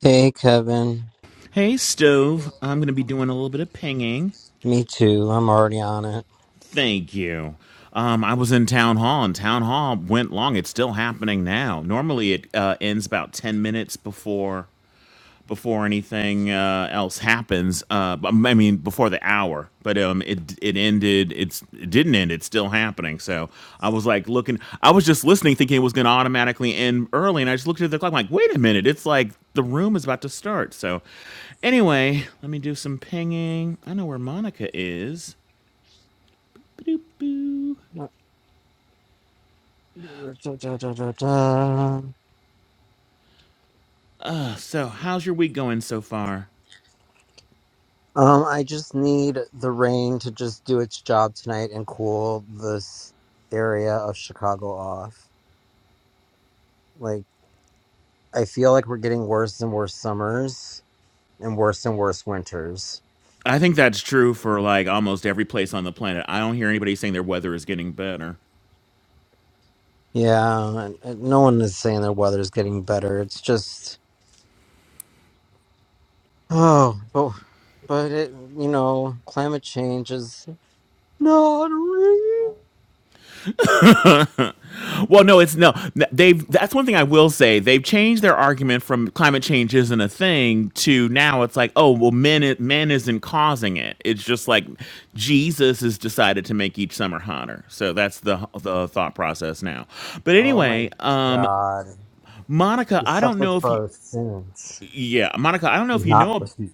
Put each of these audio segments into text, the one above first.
Hey, Kevin. Hey, Stove. I'm going to be doing a little bit of pinging. Me too. I'm already on it. Thank you. Um, I was in town hall, and town hall went long. It's still happening now. Normally, it uh, ends about 10 minutes before before anything uh, else happens. Uh, but- I mean, before the hour, but um, it it ended. It's it didn't end. It's still happening. So I was like looking. I was just listening, thinking it was going to automatically end early, and I just looked at the clock. I'm like, wait a minute, it's like the room is about to start. So anyway, let me do some pinging. I know where Monica is. Ba-doop-boo. Um, Uh, So how's your week going so far? I just need the rain to just do its job tonight and cool this area of Chicago off. Like, I feel like we're getting worse and worse summers and worse and worse winters. I think that's true for like almost every place on the planet. I don't hear anybody saying their weather is getting better. Yeah, and, and no one is saying their weather's getting better. It's just, oh, but, but it, you know, climate change is not real. Well, no, it's no. They've that's one thing I will say. They've changed their argument from climate change isn't a thing to now it's like, oh, well, men i- men isn't causing it. It's just like Jesus has decided to make each summer hotter. So that's the the thought process now. But Oh my anyway, um, God. Monica, He I don't suffered know if you, for our sins, yeah, Monica, I don't know if you not for know. sin.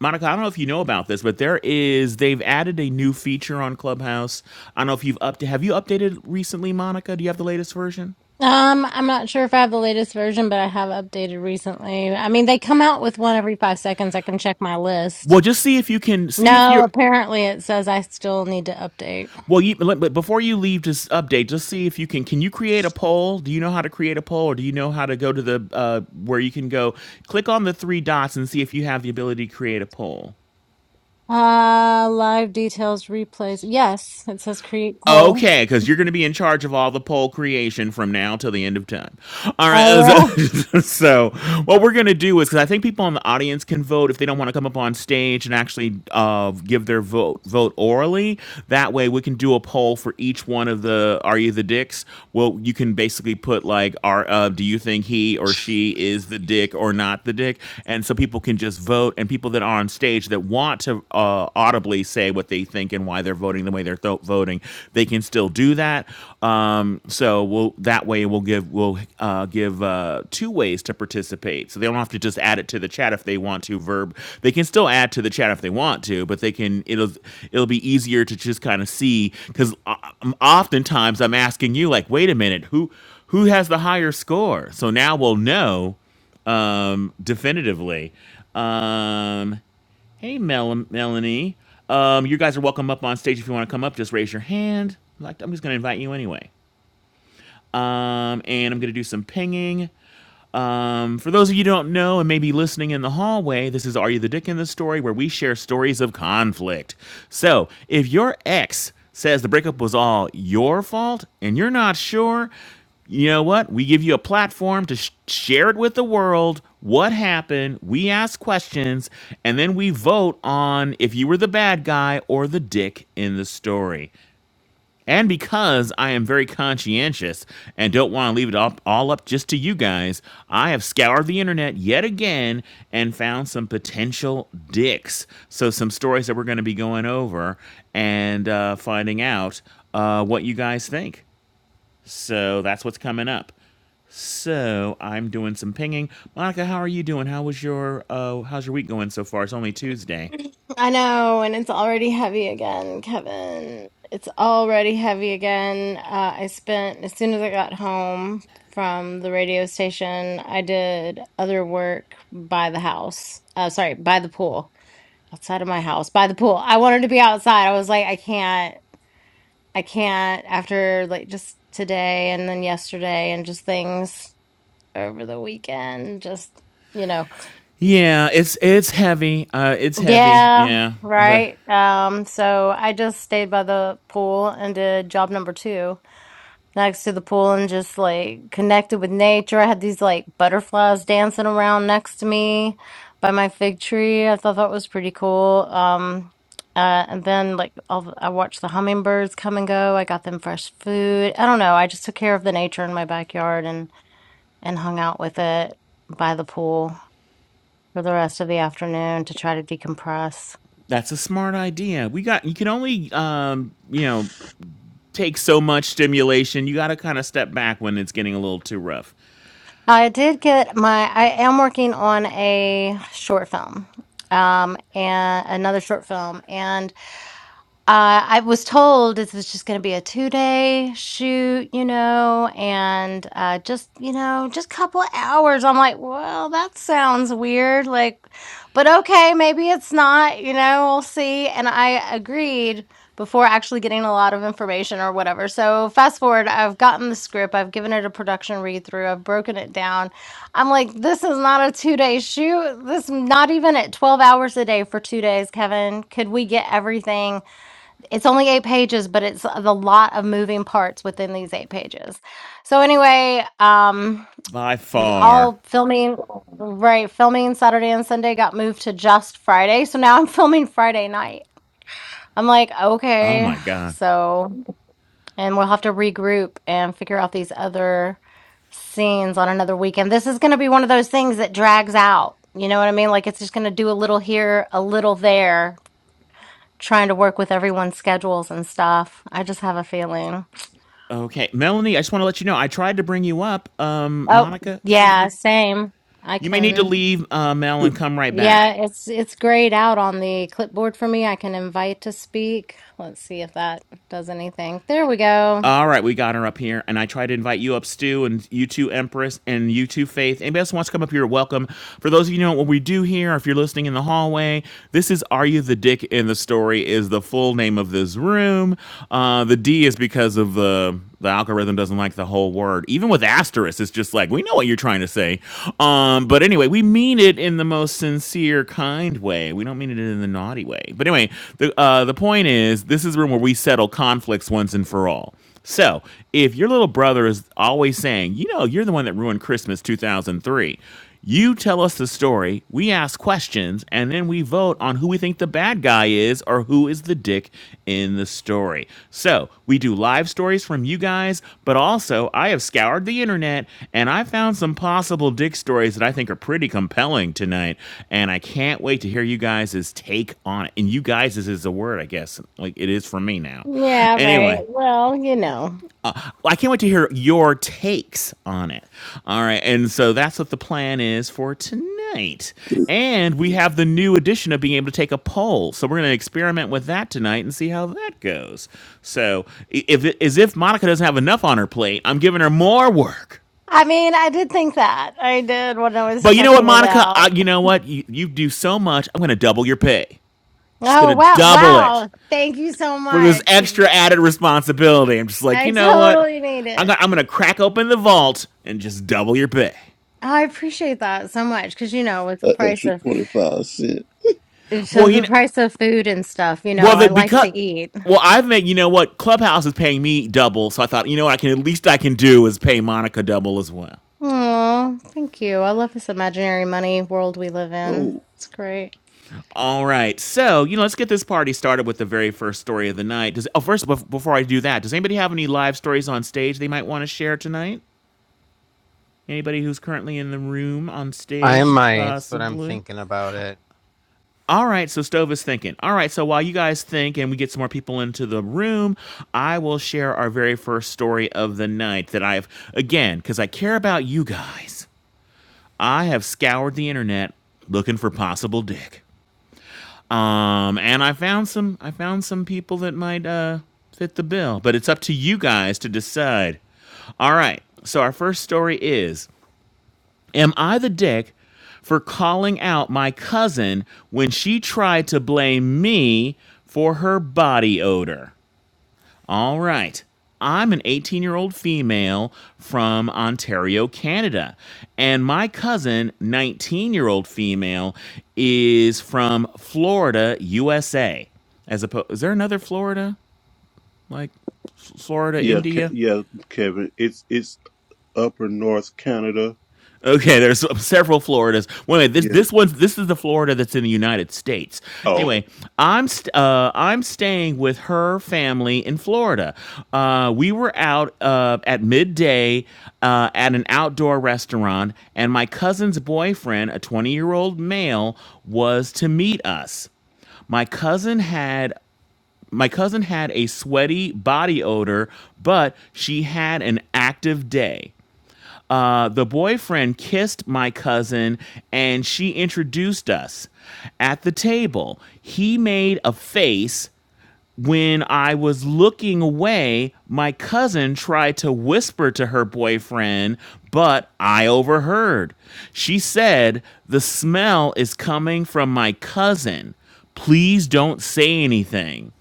Monica, I don't know if you know about this, but there is they've added a new feature on Clubhouse. I don't know if you've up have you updated recently, Monica? Do you have the latest version? Um, I'm not sure if I have the latest version, but I have updated recently. I mean, they come out with one every five seconds. I can check my list. Well, just see if you can see if No, you're. apparently it says I still need to update. Well, you let- but before you leave this update, just see if you can. Can you create a poll? Do you know how to create a poll, or do you know how to go to the uh, where you can go click on the three dots and see if you have the ability to create a poll? Uh, live details replays. Yes, it says create poll. Okay, because you're going to be in charge of all the poll creation from now till the end of time. All right. uh, Oh, yeah. So, so what we're going to do is because I think people in the audience can vote if they don't want to come up on stage and actually uh, give their vote vote orally. That way, we can do a poll for each one of the "Are you the dicks?" Well, you can basically put like, "Are uh, do you think he or she is the dick or not the dick?" And so people can just vote, and people that are on stage that want to uh, audibly say say what they think and why they're voting the way they're tho- voting. They can still do that. Um, so we'll, that way we'll give we'll uh, give uh, two ways to participate. So they don't have to just add it to the chat if they want to. Verb they can still add to the chat if they want to, but they can it'll it'll be easier to just kind of see because oftentimes I'm asking you like, wait a minute, who who has the higher score? So now we'll know um, definitively. Um, Hey, Mel- Melanie. Um, you guys are welcome up on stage if you want to come up. Just raise your hand. Like I'm just going to invite you anyway. Um, and I'm going to do some pinging. Um, for those of you who don't know and maybe listening in the hallway, this is Are You the Dick in the Story, where we share stories of conflict. So if your ex says the breakup was all your fault and you're not sure, you know what? We give you a platform to sh- share it with the world. What happened? We ask questions and then we vote on if you were the bad guy or the dick in the story. And because I am very conscientious and don't want to leave it up, all up just to you guys, I have scoured the internet yet again and found some potential dicks. So, some stories that we're going to be going over and uh, finding out uh, what you guys think. So, that's what's coming up. So I'm doing some pinging. Monica, how are you doing? How was your uh, how's your week going so far? It's only Tuesday. I know, and it's already heavy again, Kevin. It's already heavy again. Uh, I spent, as soon as I got home from the radio station, I did other work by the house. Uh, sorry, by the pool. outside of my house by the pool. I wanted to be outside. I was like, I can't, I can't after like just today and then yesterday and just things over the weekend, just, you know, Yeah, it's it's heavy. Uh, it's heavy. yeah, Yeah, but right. Um, so I just stayed by the pool and did job number two. next to the pool and just like connected with nature. I had these like butterflies dancing around next to me by my fig tree. I thought that was pretty cool. Um, uh, and then like all the, I watched the hummingbirds come and go. I got them fresh food. I don't know. I just took care of the nature in my backyard and and hung out with it by the pool for the rest of the afternoon to try to decompress. That's a smart idea. We got you can only um, you know, take so much stimulation. You got to kind of step back when it's getting a little too rough. I did get my. I am working on a short film, um, and another short film, and uh, I was told this was just going to be a two day shoot, you know, and uh, just, you know, just couple of hours. I'm like, well, that sounds weird. Like, but okay, maybe it's not, you know, we'll see. And I agreed before actually getting a lot of information or whatever. So, fast forward, I've gotten the script, I've given it a production read through, I've broken it down. I'm like, this is not a two day shoot. This not even at 12 hours a day for two days, Kevin. Could we get everything? It's only 8 pages, but it's a lot of moving parts within these 8 pages. So anyway, um, By far. all filming right, filming Saturday and Sunday got moved to just Friday, so now I'm filming Friday night. I'm like, Oh "Okay." my god. So and we'll have to regroup and figure out these other scenes on another weekend. This is going to be one of those things that drags out. You know what I mean? Like it's just going to do a little here, a little there trying to work with everyone's schedules and stuff. I just have a feeling. Okay, Melanie, I just want to let you know I tried to bring you up. Um, Oh, Monica, see if yeah, you same. I you may need to can. leave uh, Mel and come right back. Yeah, it's it's grayed out on the clipboard for me. I can invite to speak. Let's see if that does anything. There we go. All right, we got her up here, and I try to invite you up, Stu, and you two, Empress, and you two, Faith. Anybody else who wants to come up here, welcome. For those of you who know what we do here, or if you're listening in the hallway, this is "Are You the Dick in the Story?" is the full name of this room. Uh, the D is because of the the algorithm doesn't like the whole word. Even with asterisk, it's just like we know what you're trying to say. Um, but anyway, we mean it in the most sincere, kind way. We don't mean it in the naughty way. But anyway, the uh, the point is, this is a room where we settle conflicts once and for all. So, if your little brother is always saying, you know, you're the one that ruined Christmas 2003, you tell us the story, we ask questions, and then we vote on who we think the bad guy is or who is the dick in the story. So we do live stories from you guys, but also I have scoured the internet and I found some possible dick stories that I think are pretty compelling tonight. And I can't wait to hear you guys' take on it. And you guys is a word, I guess. Like it is for me now. Yeah, right. Anyway, Well, you know. I can't wait to hear your takes on it. All right. And so that's what the plan is for tonight. And we have the new addition of being able to take a poll. So we're going to experiment with that tonight and see how that goes. So, if as if Monica doesn't have enough on her plate, I'm giving her more work. I mean, I did think that. I did when I was But you know what, checking it Monica? I, out. you know what? You, you do so much. I'm going to double your pay. I'm just going Oh, to wow. double it Wow. Thank you so for this much. 'Cause extra added responsibility. I'm just like, you I know what? totally need it. I'm gonna crack open the vault and just double your pay. I appreciate that so much because, you know, with the an price extra of 25 cent. It's Well, just you the know, price of food and stuff, you know, well, I the, like to because eat. well, I've made you know what Clubhouse is paying me double, so I thought you know what I can at least I can do is pay Monica double as well. Oh, thank you. I love this imaginary money world we live in. Oh, It's great. All right, so you know let's get this party started with the very first story of the night. Does oh first bef- before I do that, does anybody have any live stories on stage they might want to share tonight? Anybody who's currently in the room on I stage, might, but I'm possibly? thinking about it. All right, so Stove is thinking. All right, so while you guys think and we get some more people into the room, I will share our very first story of the night that I've, again, because I care about you guys, I have scoured the internet looking for possible dick. Um, and I found some, I found some people that might, uh, fit the bill, but it's up to you guys to decide. All right, so our first story is Am I the dick for calling out my cousin when she tried to blame me for her body odor? All right. I'm an 18 year old female from Ontario, Canada. And my cousin, 19 year old female, is from Florida, USA. As opposed, is there another Florida? Like Florida, Yeah, Ke- India? yeah, Kevin. It's it's Upper North Canada. Okay, there's several Floridas. Wait, this Yeah. this one's this is the Florida that's in the United States. Oh, Anyway, I'm st- uh, I'm staying with her family in Florida. Uh, we were out uh, at midday uh, at an outdoor restaurant, and my cousin's boyfriend, a 20 year old male, was to meet us. My cousin had my cousin had a sweaty body odor, but she had an active day. Uh, the boyfriend kissed my cousin and she introduced us at the table. He made a face when I was looking away. My cousin tried to whisper to her boyfriend, but I overheard. She said, The smell is coming from my cousin. Please don't say anything.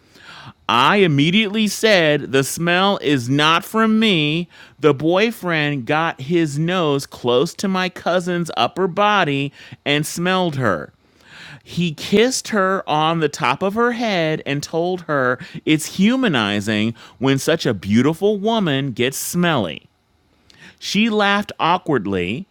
I immediately said, The smell is not from me. The boyfriend got his nose close to my cousin's upper body and smelled her. He kissed her on the top of her head and told her it's humanizing when such a beautiful woman gets smelly. She laughed awkwardly.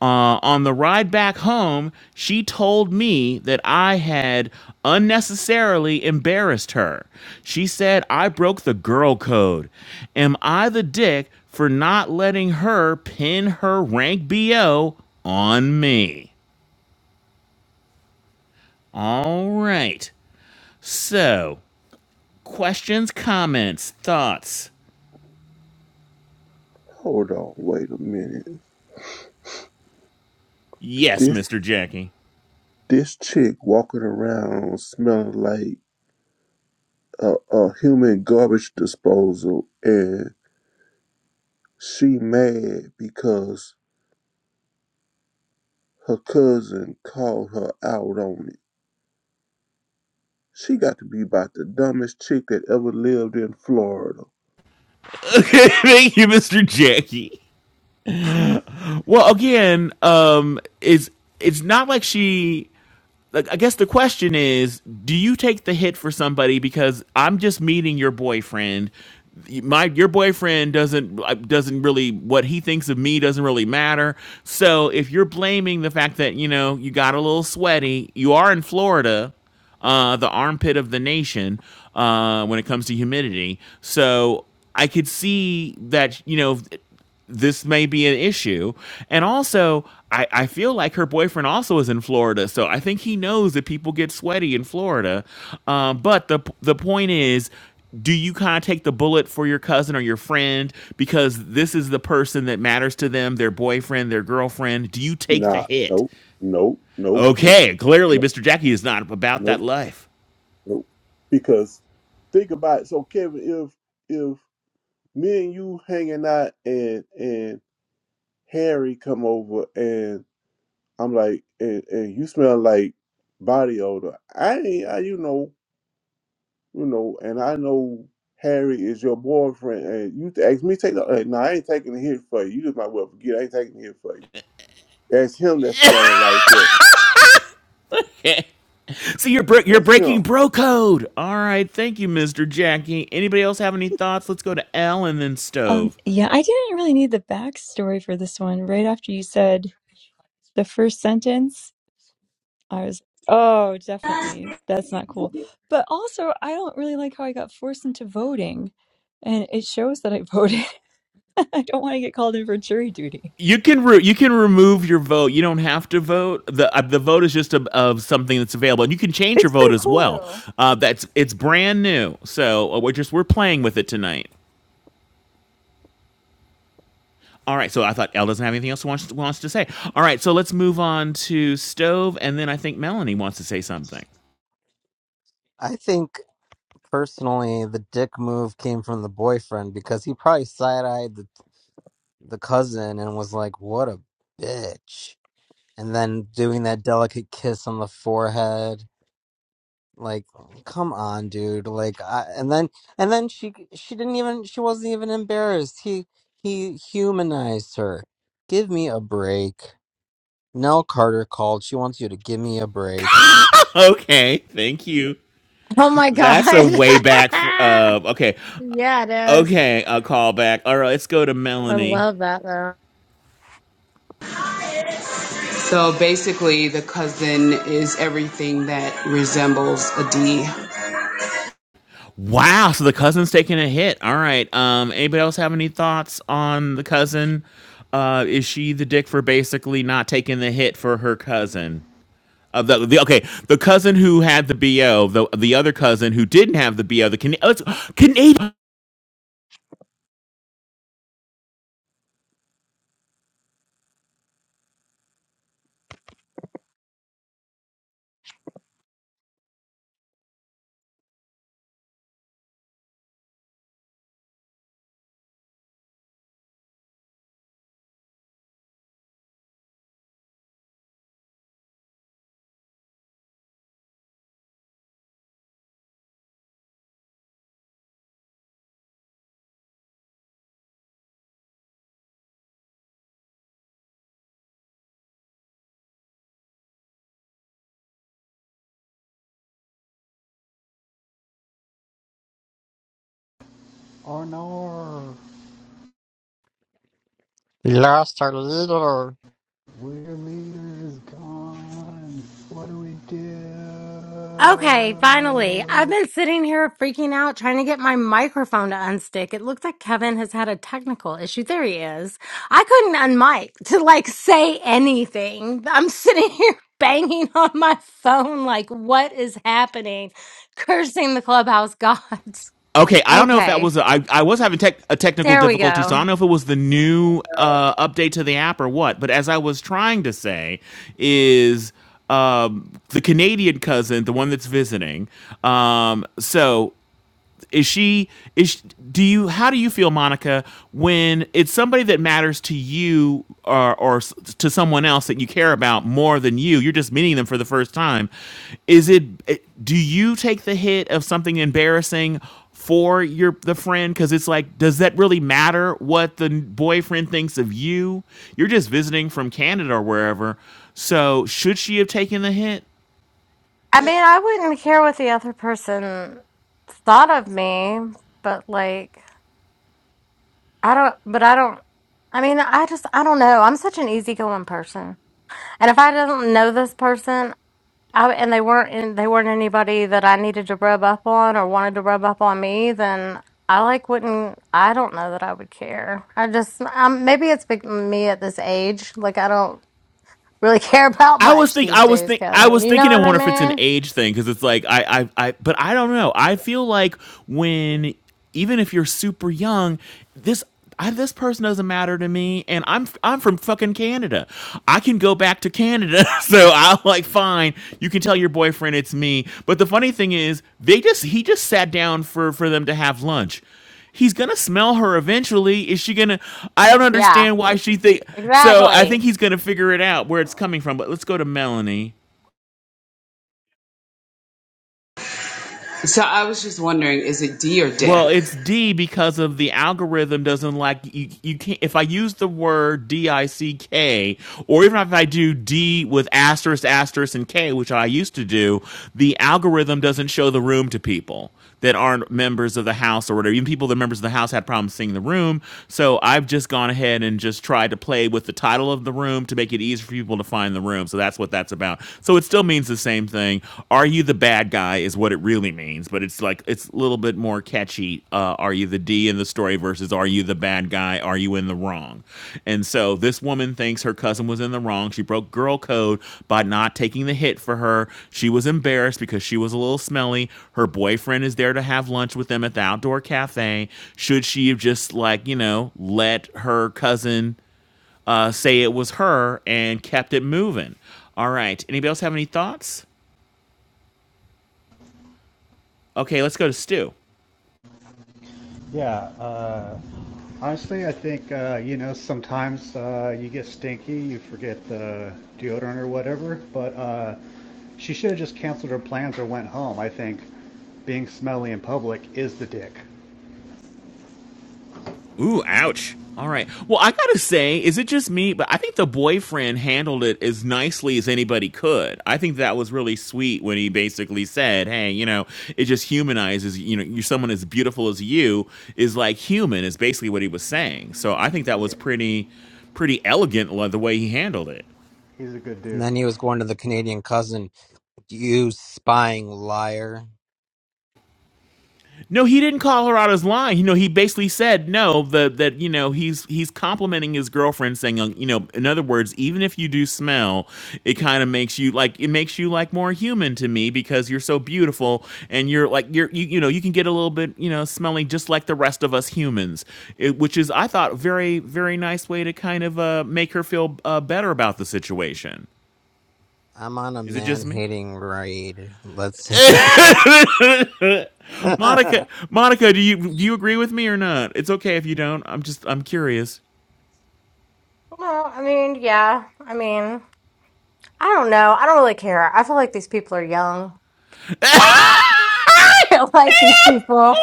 Uh, on the ride back home, she told me that I had unnecessarily embarrassed her. She said I broke the girl code. Am I the dick for not letting her pin her rank BO on me? All right. So, questions, comments, thoughts? hold on, wait a minute. Yes, This Mr. Jackie. this chick walking around smelling like a, a human garbage disposal, and she mad because her cousin called her out on it. She got to be about the dumbest chick that ever lived in Florida. Okay, thank you, Mr. Jackie. Well, again, um, is it's not like she. Like, I guess the question is, do you take the hit for somebody because I'm just meeting your boyfriend? My your boyfriend doesn't uh, doesn't really what he thinks of me doesn't really matter. So if you're blaming the fact that you know you got a little sweaty, you are in Florida, uh, the armpit of the nation uh, when it comes to humidity. So I could see that you know this may be an issue. And also, I, I feel like her boyfriend also is in Florida, so I think he knows that people get sweaty in Florida. Um, but the the point is, do you kind of take the bullet for your cousin or your friend because this is the person that matters to them, their boyfriend, their girlfriend? Do you take the Nah, hit? nope, nope, nope, Okay, clearly, nope, Mr. Jackie is not about nope. that life. Nope. Because think about it. So Kevin, if if me and you hanging out and and Harry come over and I'm like and, and you smell like body odor, I ain't I, you know you know and I know Harry is your boyfriend and you ask me take the uh, no I ain't taking it here for you. You just might well forget I ain't taking it here for you. That's him that's smelling like that. So you're bro- you're That's breaking him. bro code. All right, thank you, Mr. Jackie. Anybody else have any thoughts? Let's go to L and then Stove. Um, yeah, I didn't really need the backstory for this one. Right after you said the first sentence, I was, oh, definitely, that's not cool. But also, I don't really like how I got forced into voting, and it shows that I voted. I don't want to get called in for jury duty. You can re- you can remove your vote. You don't have to vote. the uh, The vote is just a, of something that's available, and you can change your It's vote pretty as cool, well. though. Uh, that's it's brand new, so uh, we're just we're playing with it tonight. All right, so I thought Elle doesn't have anything else wants wants to say. All right, so let's move on to stove, and then I think Melanie wants to say something. I think personally, the dick move came from the boyfriend because he probably side eyed the, the cousin and was like, what a bitch. And then doing that delicate kiss on the forehead. Like, come on, dude. Like, I, and then, and then she, she didn't even, she wasn't even embarrassed. He, he humanized her. Give me a break. Nell Carter called. She wants you to give me a break. Okay, thank you. Oh my That's a God. way back. Fr- uh, okay, Yeah, it is. okay, a callback. All right, let's go to I Melanie. love that though. So basically, the cousin is everything that resembles a D. Wow, so the cousin's taking a hit. All right. Um, anybody else have any thoughts on the cousin? Uh, is she the dick for basically not taking the hit for her cousin? Uh, the, the okay, the cousin who had the bo, the the other cousin who didn't have the bo, the Can- uh, Canadian Arnor, We lost our leader. Weird leader is gone. What do we do? Okay, finally. I've been sitting here freaking out trying to get my microphone to unstick. It looks like Kevin has had a technical issue. There he is. I couldn't unmic to like say anything. I'm sitting here banging on my phone like what is happening? Cursing the clubhouse gods. Okay, I don't know if that Okay, was a, I, I was having tech, a technical there we difficulty, so I go. don't know if it was the new uh, update to the app or what. But as I was trying to say, is um, the Canadian cousin the one that's visiting? Um, so is she is do you how do you feel Monica when it's somebody that matters to you or or to someone else that you care about more than you? You're just meeting them for the first time. Is it eh, do you take the hit of something embarrassing for your the friend cuz it's like does that really matter what the boyfriend thinks of you? You're just visiting from Canada or wherever. So, should she have taken the hit? I mean, I wouldn't care what the other person thought of me, but like I don't, but I don't, I mean, I just, I don't know. I'm such an easygoing person. And if I didn't know this person, I, and they weren't, in, they weren't anybody that I needed to rub up on or wanted to rub up on me, then I like wouldn't, I don't know that I would care. I just, um, maybe it's be- me at this age. Like, I don't really care about I was much think these I was days, think I Kevin. was You know thinking I what I wonder if it's an mean? age thing because it's like I, I I but I don't know. I feel like when even if you're super young, this I, this person doesn't matter to me, and I'm I'm from fucking Canada. I can go back to Canada, so I'm like, fine. You can tell your boyfriend it's me. But the funny thing is, they just he just sat down for for them to have lunch he's gonna smell her eventually. Is she gonna? I don't Yeah, understand why she think. So I exactly. think he's gonna figure it out where it's coming from. But let's go to Melanie. So I was just wondering, is it D or Dick? Well, it's D because of the algorithm doesn't like you. You can't if I use the word D I C K, or even if I do D with asterisk asterisk and K, which I used to do, the algorithm doesn't show the room to people that aren't members of the house or whatever. Even people that are members of the house had problems seeing the room. So I've just gone ahead and just tried to play with the title of the room to make it easier for people to find the room. So that's what that's about. So it still means means the same thing. Are you the bad guy is what it really means, but it's like it's a little bit more catchy. Uh, are you the D in the story versus are you the bad guy? Are you in the wrong? And so this woman thinks her cousin was in the wrong. She broke girl code by not taking the hit for her. She was embarrassed because she was a little smelly. Her boyfriend is there to have lunch with them at the outdoor cafe. Should she have just like, you know, let her cousin uh, say it was her and kept it moving? All right. Anybody else have any thoughts? Okay, let's go to Stu. Yeah, uh, honestly, I think, uh, you know, sometimes uh, you get stinky, you forget the deodorant or whatever, but uh, she should have just canceled her plans or went home. I think being smelly in public is the dick. Ooh, ouch. All right. Well, I gotta say, is it just me? But I think the boyfriend handled it as nicely as anybody could. I think that was really sweet when he basically said, "Hey, you know, it just humanizes. You know, you're someone as beautiful as you is like human." Is basically what he was saying. So I think that was Yeah, pretty, pretty elegant like, the way he handled it. he's a good And dude. then he was going to the Canadian cousin. You spying liar. No, he didn't call her out as lying. You know, he basically said no. The that you know he's he's complimenting his girlfriend, saying uh, you know, in other words, even if you do smell, it kind of makes you like it makes you like more human to me because you're so beautiful and you're like you're you, you know you can get a little bit you know smelly just like the rest of us humans, it, which is I thought very very nice way to kind of uh, make her feel uh, better about the situation. I'm on a Is it man just me? hating raid. Let's. Monica, I Monica, do you do you agree with me or not? It's okay if you don't. I'm just I'm curious. Well, I mean, yeah. I mean, I don't know. I don't really care. I feel like these people are young. feel like these people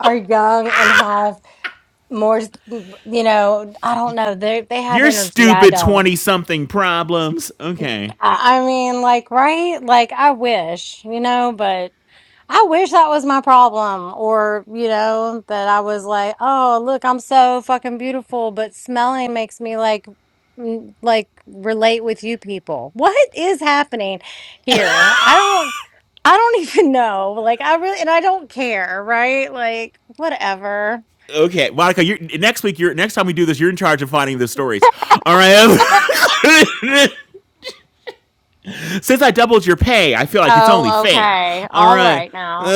are young and have more you know i don't know they they have Your energy i stupid don't twenty something problems. Okay. i I mean like right like i wish you know but I wish that was my problem, or, you know, that I was like, oh, look, I'm so fucking beautiful, but smelling makes me like, mm, like relate with you people. What is happening here? I don't, I don't even know. Like, I really, and I don't care, right? Like, whatever. Okay, Monica. You're, next week, you're next time we do this, you're in charge of finding the stories. All right. Since I doubled your pay, I feel like it's only Oh, fair. okay. All All right. right now.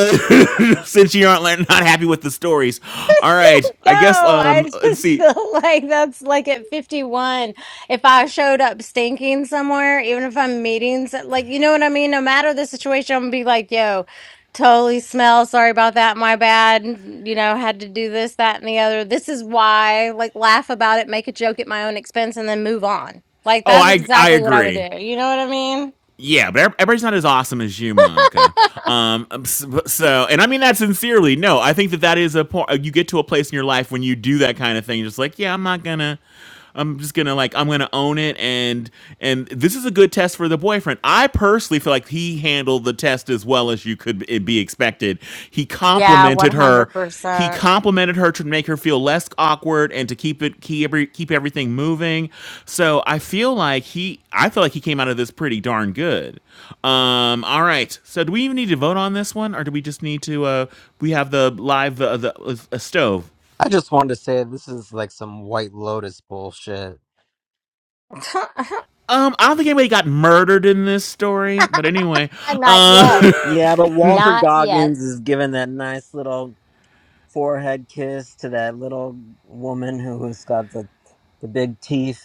Since you aren't like, not happy with the stories, all right. No, I guess I um, let's just see. feel like that's like at 51. If I showed up stinking somewhere, even if I'm meeting, so- like, you know what I mean? No matter the situation, I'm gonna be like, yo, totally smell. Sorry about that. My bad. You know, had to do this, that, and the other. This is why, like, laugh about it, make a joke at my own expense, and then move on. Like, Oh, that's I I exactly what I would agree. do. You know what I mean? yeah, but everybody's not as awesome as you, Monica. Um, so, and I mean that sincerely. No, I think that that is a point. You get to a place in your life when you do that kind of thing. You're just like, yeah, I'm not gonna. I'm just gonna like I'm gonna own it and and this is a good test for the boyfriend. I personally feel like he handled the test as well as you could eh, be expected. He Yeah, complimented her. He 100%. complimented her to make her feel less awkward and to keep it keep every, keep everything moving. So I feel like he I feel like he came out of this pretty darn good. Um, all right. So do we even need to vote on this one, or do we just need to? Uh, we have the live uh, the uh, uh, stove. just wanted to say this is like some White Lotus bullshit. Um, I don't think anybody got murdered in this story, but anyway, Not yet. um, Yeah, but Walter Not yet. Goggins is giving that nice little forehead kiss to that little woman who's got the, the big teeth,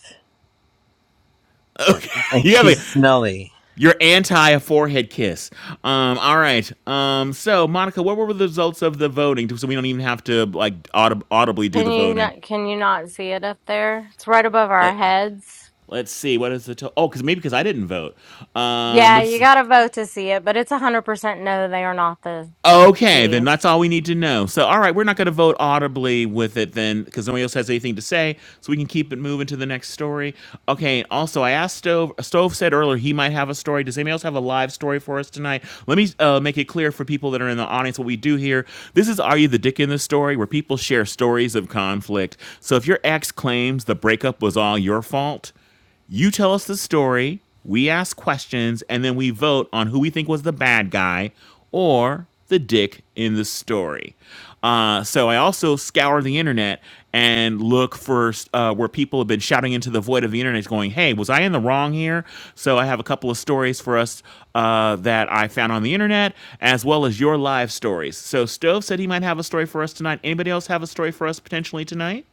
and, and you have a she's smelly. You're anti a forehead kiss. Um, all right. Um, so Monica, what were the results of the voting? So we don't even have to like audib- audibly do Can the you voting. not can you not see it up there? It's right above our Let heads. Let's see. What is the total? Oh, because maybe because I didn't vote. Um, Yeah, you let's gotta vote to see it, but it's a hundred percent no, they are not the Okay, then V. that's all we need to know. So, all right, we're not going to vote audibly with it then, because nobody else has anything to say, so we can keep it moving to the next story. Okay. Also, I asked Stove. Stove said earlier he might have a story. Does anybody else have a live story for us tonight? Let me uh, make it clear for people that are in the audience what we do here. This is Are You the Dick in the Story, where people share stories of conflict. So, if your ex claims the breakup was all your fault. You tell us the story, we ask questions, and then we vote on who we think was the bad guy or the dick in the story. Uh, so I also scour the internet and look for uh, where people have been shouting into the void of the internet going, hey, was I in the wrong here? So I have a couple of stories for us uh, that I found on the internet, as well as your live stories. So Stove said he might have a story for us tonight. Anybody else have a story for us potentially tonight?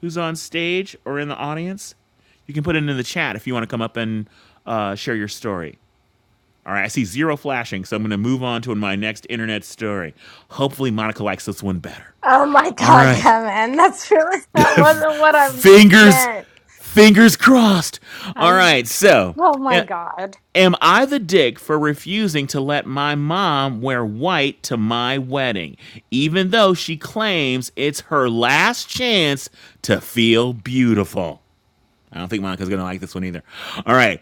who's on stage or in the audience, you can put it in the chat if you want to come up and uh, share your story. All right, I see zero flashing, so I'm going to move on to my next internet story. Hopefully, Monica likes this one better. Oh my All god, right, Kevin. That's really that wasn't what I fingers, meant. fingers crossed. All i right, so oh my god. am I the dick for refusing to let my mom wear white to my wedding, even though she claims it's her last chance to feel beautiful? I don't think Monica's gonna like this one either. All right.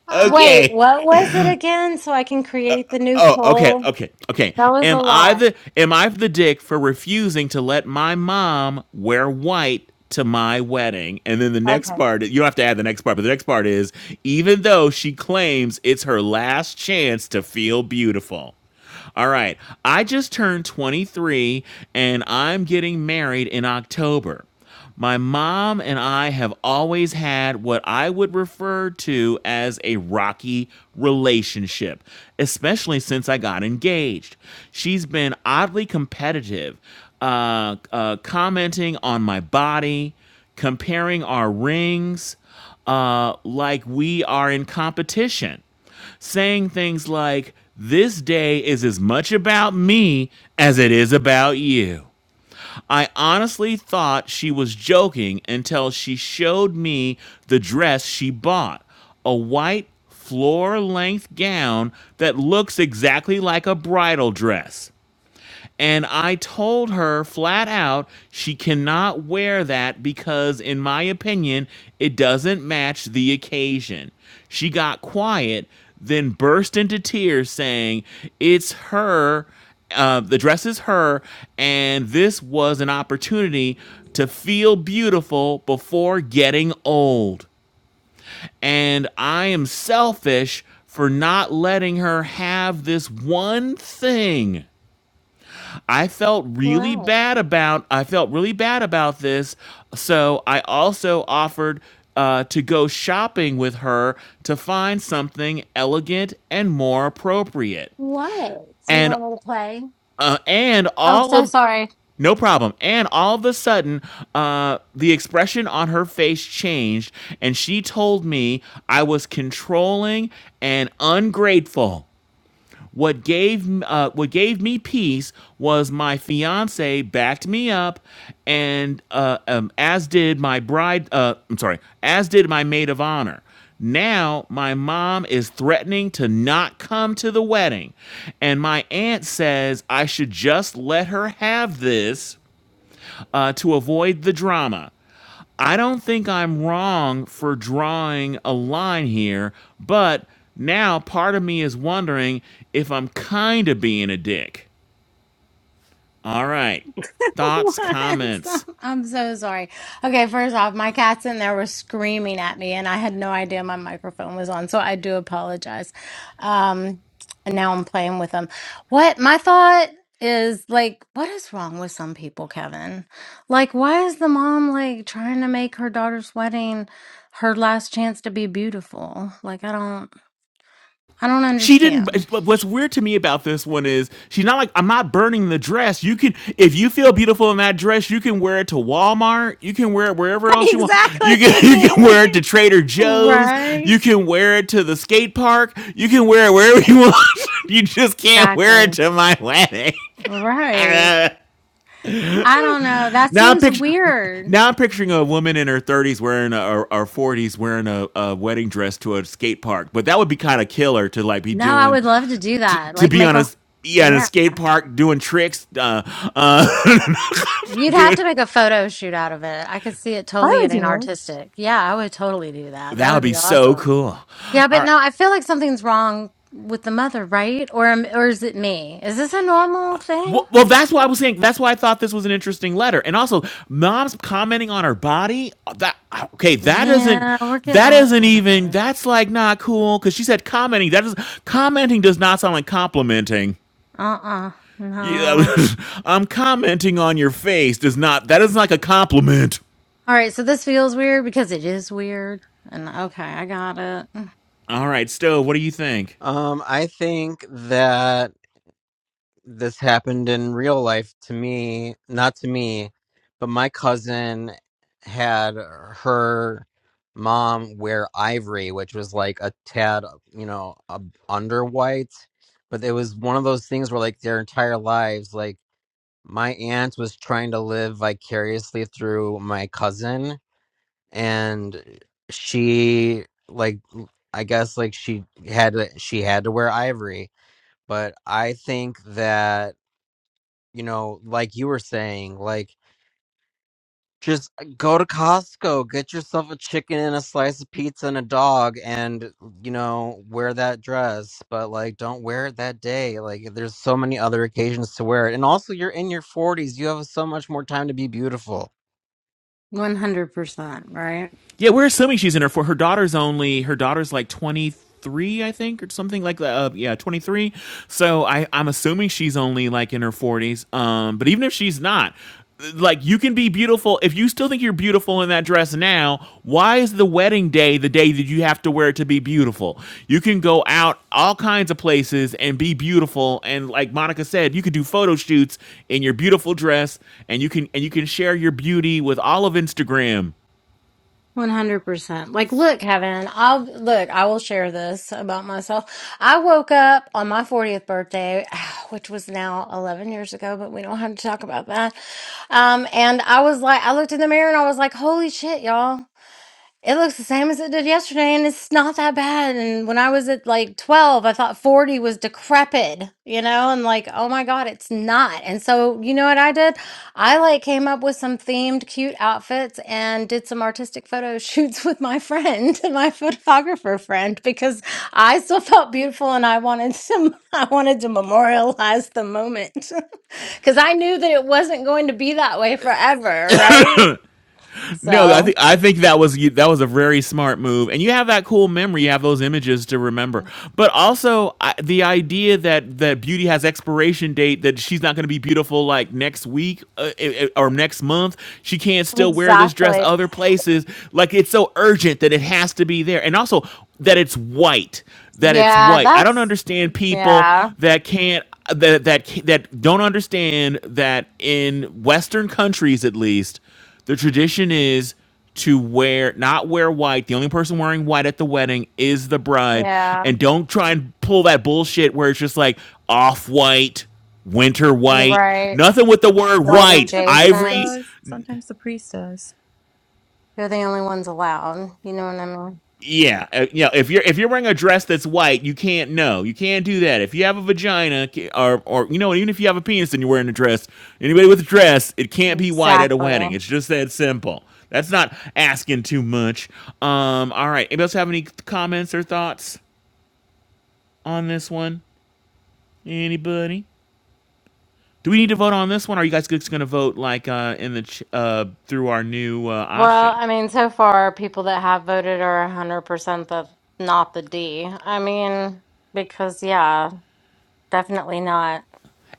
Wait, okay. what was it again? So I can create the new Oh, okay, poll? okay, okay. That was a Am I lot. the am I the dick for refusing to let my mom wear white to my wedding? And then the next Okay. part, you don't have to add the next part, but the next part is even though she claims it's her last chance to feel beautiful. All right. I just turned 23 and I'm getting married in October. My mom and I have always had what I would refer to as a rocky relationship, especially since I got engaged. She's been oddly competitive, uh, uh, commenting on my body, comparing our rings, uh, like we are in competition saying things like, This day is as much about me as it is about you. I honestly thought she was joking until she showed me the dress she bought a white floor length gown that looks exactly like a bridal dress. And I told her flat out she cannot wear that because, in my opinion, it doesn't match the occasion. She got quiet, then burst into tears, saying, It's her, uh, the dress is her, and this was an opportunity to feel beautiful before getting old and I am selfish for not letting her have this one thing. I felt really What? bad about I felt really bad about this. So I also offered uh, to go shopping with her to find something elegant and more appropriate. What? Do you And want me to play? uh, and Oh, all so of sorry. no problem. And all of a sudden, uh, the expression on her face changed, and she told me I was controlling and ungrateful. What gave uh, what gave me peace was my fiance backed me up, and uh, um, as did my bride. Uh, I'm sorry, as did my maid of honor. Now my mom is threatening to not come to the wedding, and my aunt says I should just let her have this uh, to avoid the drama. I don't think I'm wrong for drawing a line here, but now part of me is wondering if I'm kind of being a dick. All right. Thoughts, once. comments. I'm so sorry. Okay, first off, my cats in there were screaming at me, and I had no idea my microphone was on, so I do apologize. Um, and now I'm playing with them. What my thought is like, what is wrong with some people, Kevin? Like, why is the mom like trying to make her daughter's wedding her last chance to be beautiful? Like, I don't, I don't She didn't. understand. What's weird to me about this one is she's not like I'm not burning the dress. You can, if you feel beautiful in that dress, you can wear it to Walmart. You can wear it wherever else you want. You can you can Exactly. wear it to Trader Joe's. right. You can wear it to the skate park. You can wear it wherever you want. You just can't wear Exactly. it to my wedding. Right. I I don't know. That now I'm seems picture, weird. now I'm picturing a woman in her 30s wearing a, or, or 40s wearing a, a wedding dress to a skate park, but that would be kind of killer to like be No, I doing, would love to do to, that. to Like be make on a a yeah in a yeah. skate park doing tricks, uh, uh, You'd have doing to make a photo shoot out of it. I could see it I totally would getting do it. artistic. Yeah, I would totally do that. That that would would be be so awesome. cool. Yeah, All but right. no, I feel like something's wrong with the mother, right? Or am- or is it me? Is this a normal thing? Well, well, that's why I was saying. That's why I thought this was an interesting letter, and also mom's commenting on her body. That okay? That isn't. Yeah, we're That getting isn't even. That's like not cool because she said commenting. That is commenting does not sound like complimenting. uh-uh. Yeah, No. I'm commenting on your face. Does not. That is like a compliment. All right, so this feels weird because it is weird. And okay, I got it. All right, Stove. What do you think? Um, I think that this happened in real life to me, not to me, but my cousin had her mom wear ivory, which was like a tad, you know, uh, under white. But it was one of those things where, like, their entire lives, like, my aunt was trying to live vicariously through my cousin, and she, like, I guess, like, she had to, she had to wear ivory but I think that, you know, like you were saying, like just uh, go to Costco, get yourself a chicken and a slice of pizza and a dog and, you know, wear that dress, but like don't wear it that day. Like there's so many other occasions to wear it. And also you're in your 40s, you have so much more time to be beautiful. 100%, right? Yeah, we're assuming she's in her for her daughter's only her daughter's like twenty three, I think, or something like that. Uh, yeah, twenty three. So I I'm assuming she's only like in her forties. Um, but even if she's not, like you can be beautiful if you still think you're beautiful in that dress now. Why is the wedding day the day that you have to wear it to be beautiful? You can go out all kinds of places and be beautiful. And like Monica said, you could do photo shoots in your beautiful dress, and you can and you can share your beauty with all of Instagram. 100%. Like, look, Kevin, I'll look, I will share this about myself. I woke up on my 40th birthday, which was now 11 years ago, but we don't have to talk about that. Um, and I was like, I looked in the mirror and I was like, holy shit, y'all. It looks the same as it did yesterday, and it's not that bad. And when I was at like 12, I thought 40 was decrepit, you know, and like, oh my God, it's not. And so, you know what I did? I like came up with some themed, cute outfits and did some artistic photo shoots with my friend, my photographer friend, because I still felt beautiful and I wanted to, I wanted to memorialize the moment because I knew that it wasn't going to be that way forever, right? No, I So, think I think that was that was a very smart move, and you have that cool memory. You have those images to remember, but also I, the idea that that beauty has expiration date. That she's not going to be beautiful like next week uh, eh, eh, or next month. She can't still wear this dress exactly. other places. Like it's so urgent that it has to be there, and also that it's white. That it's Yeah, white. I don't that's understand people yeah, that can't that that that don't understand that in Western countries at least the tradition is to wear not wear white. The only person wearing white at the wedding is the bride. yeah, And don't try and pull that bullshit where it's just like off white, winter white, right. nothing with the word White white, Sometimes the priest adjacent. ivory, does. Sometimes the priest does. You're the only ones allowed. You know what I mean? Yeah, uh, you know, if you're if you're wearing a dress that's white, you can't know. You can't do that. If you have a vagina, ca- or or you know, even if you have a penis and you're wearing a dress, anybody with a dress, it can't be white at a Exactly. wedding. It's just that simple. That's not asking too much. Um, all right. Anybody else have any comments or thoughts on this one? Anybody? Do we need to vote on this one? Or are you guys just going to vote like uh, in the ch- uh, through our new uh, Well, option? I mean, so far, people that have voted are 100% the not the D. I mean, because yeah, definitely not.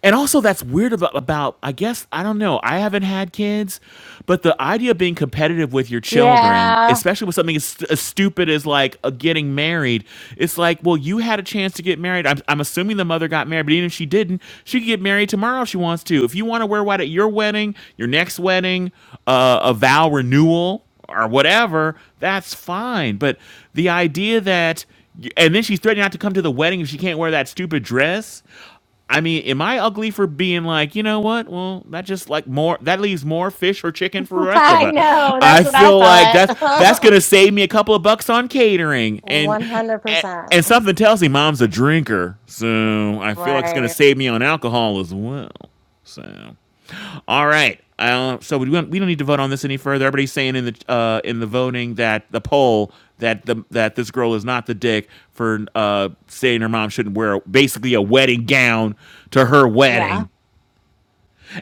And also, that's weird about, about, I guess, I don't know. I haven't had kids, but the idea of being competitive with your children, Yeah, especially with something as, as stupid as like uh, getting married, it's like, well, you had a chance to get married. I'm, I'm assuming the mother got married, but even if she didn't, she could get married tomorrow if she wants to. If you want to wear white at your wedding, your next wedding, uh, a vow renewal, or whatever, that's fine. But the idea that, and then she's threatening not to come to the wedding if she can't wear that stupid dress. I mean, am I ugly for being like, you know what? Well, that just like more that leaves more fish or chicken for the rest of I us. know. I That's what I feel like that's that's thought. gonna save me a couple of bucks on catering and and, and 100%. something tells me mom's a drinker, so I feel like it's gonna Right. save me on alcohol as well. So all right. Uh, so we don't, we don't need to vote on this any further. Everybody's saying in the uh, in the voting that the poll that the that this girl is not the dick for uh, saying her mom shouldn't wear basically a wedding gown to her Yeah. wedding.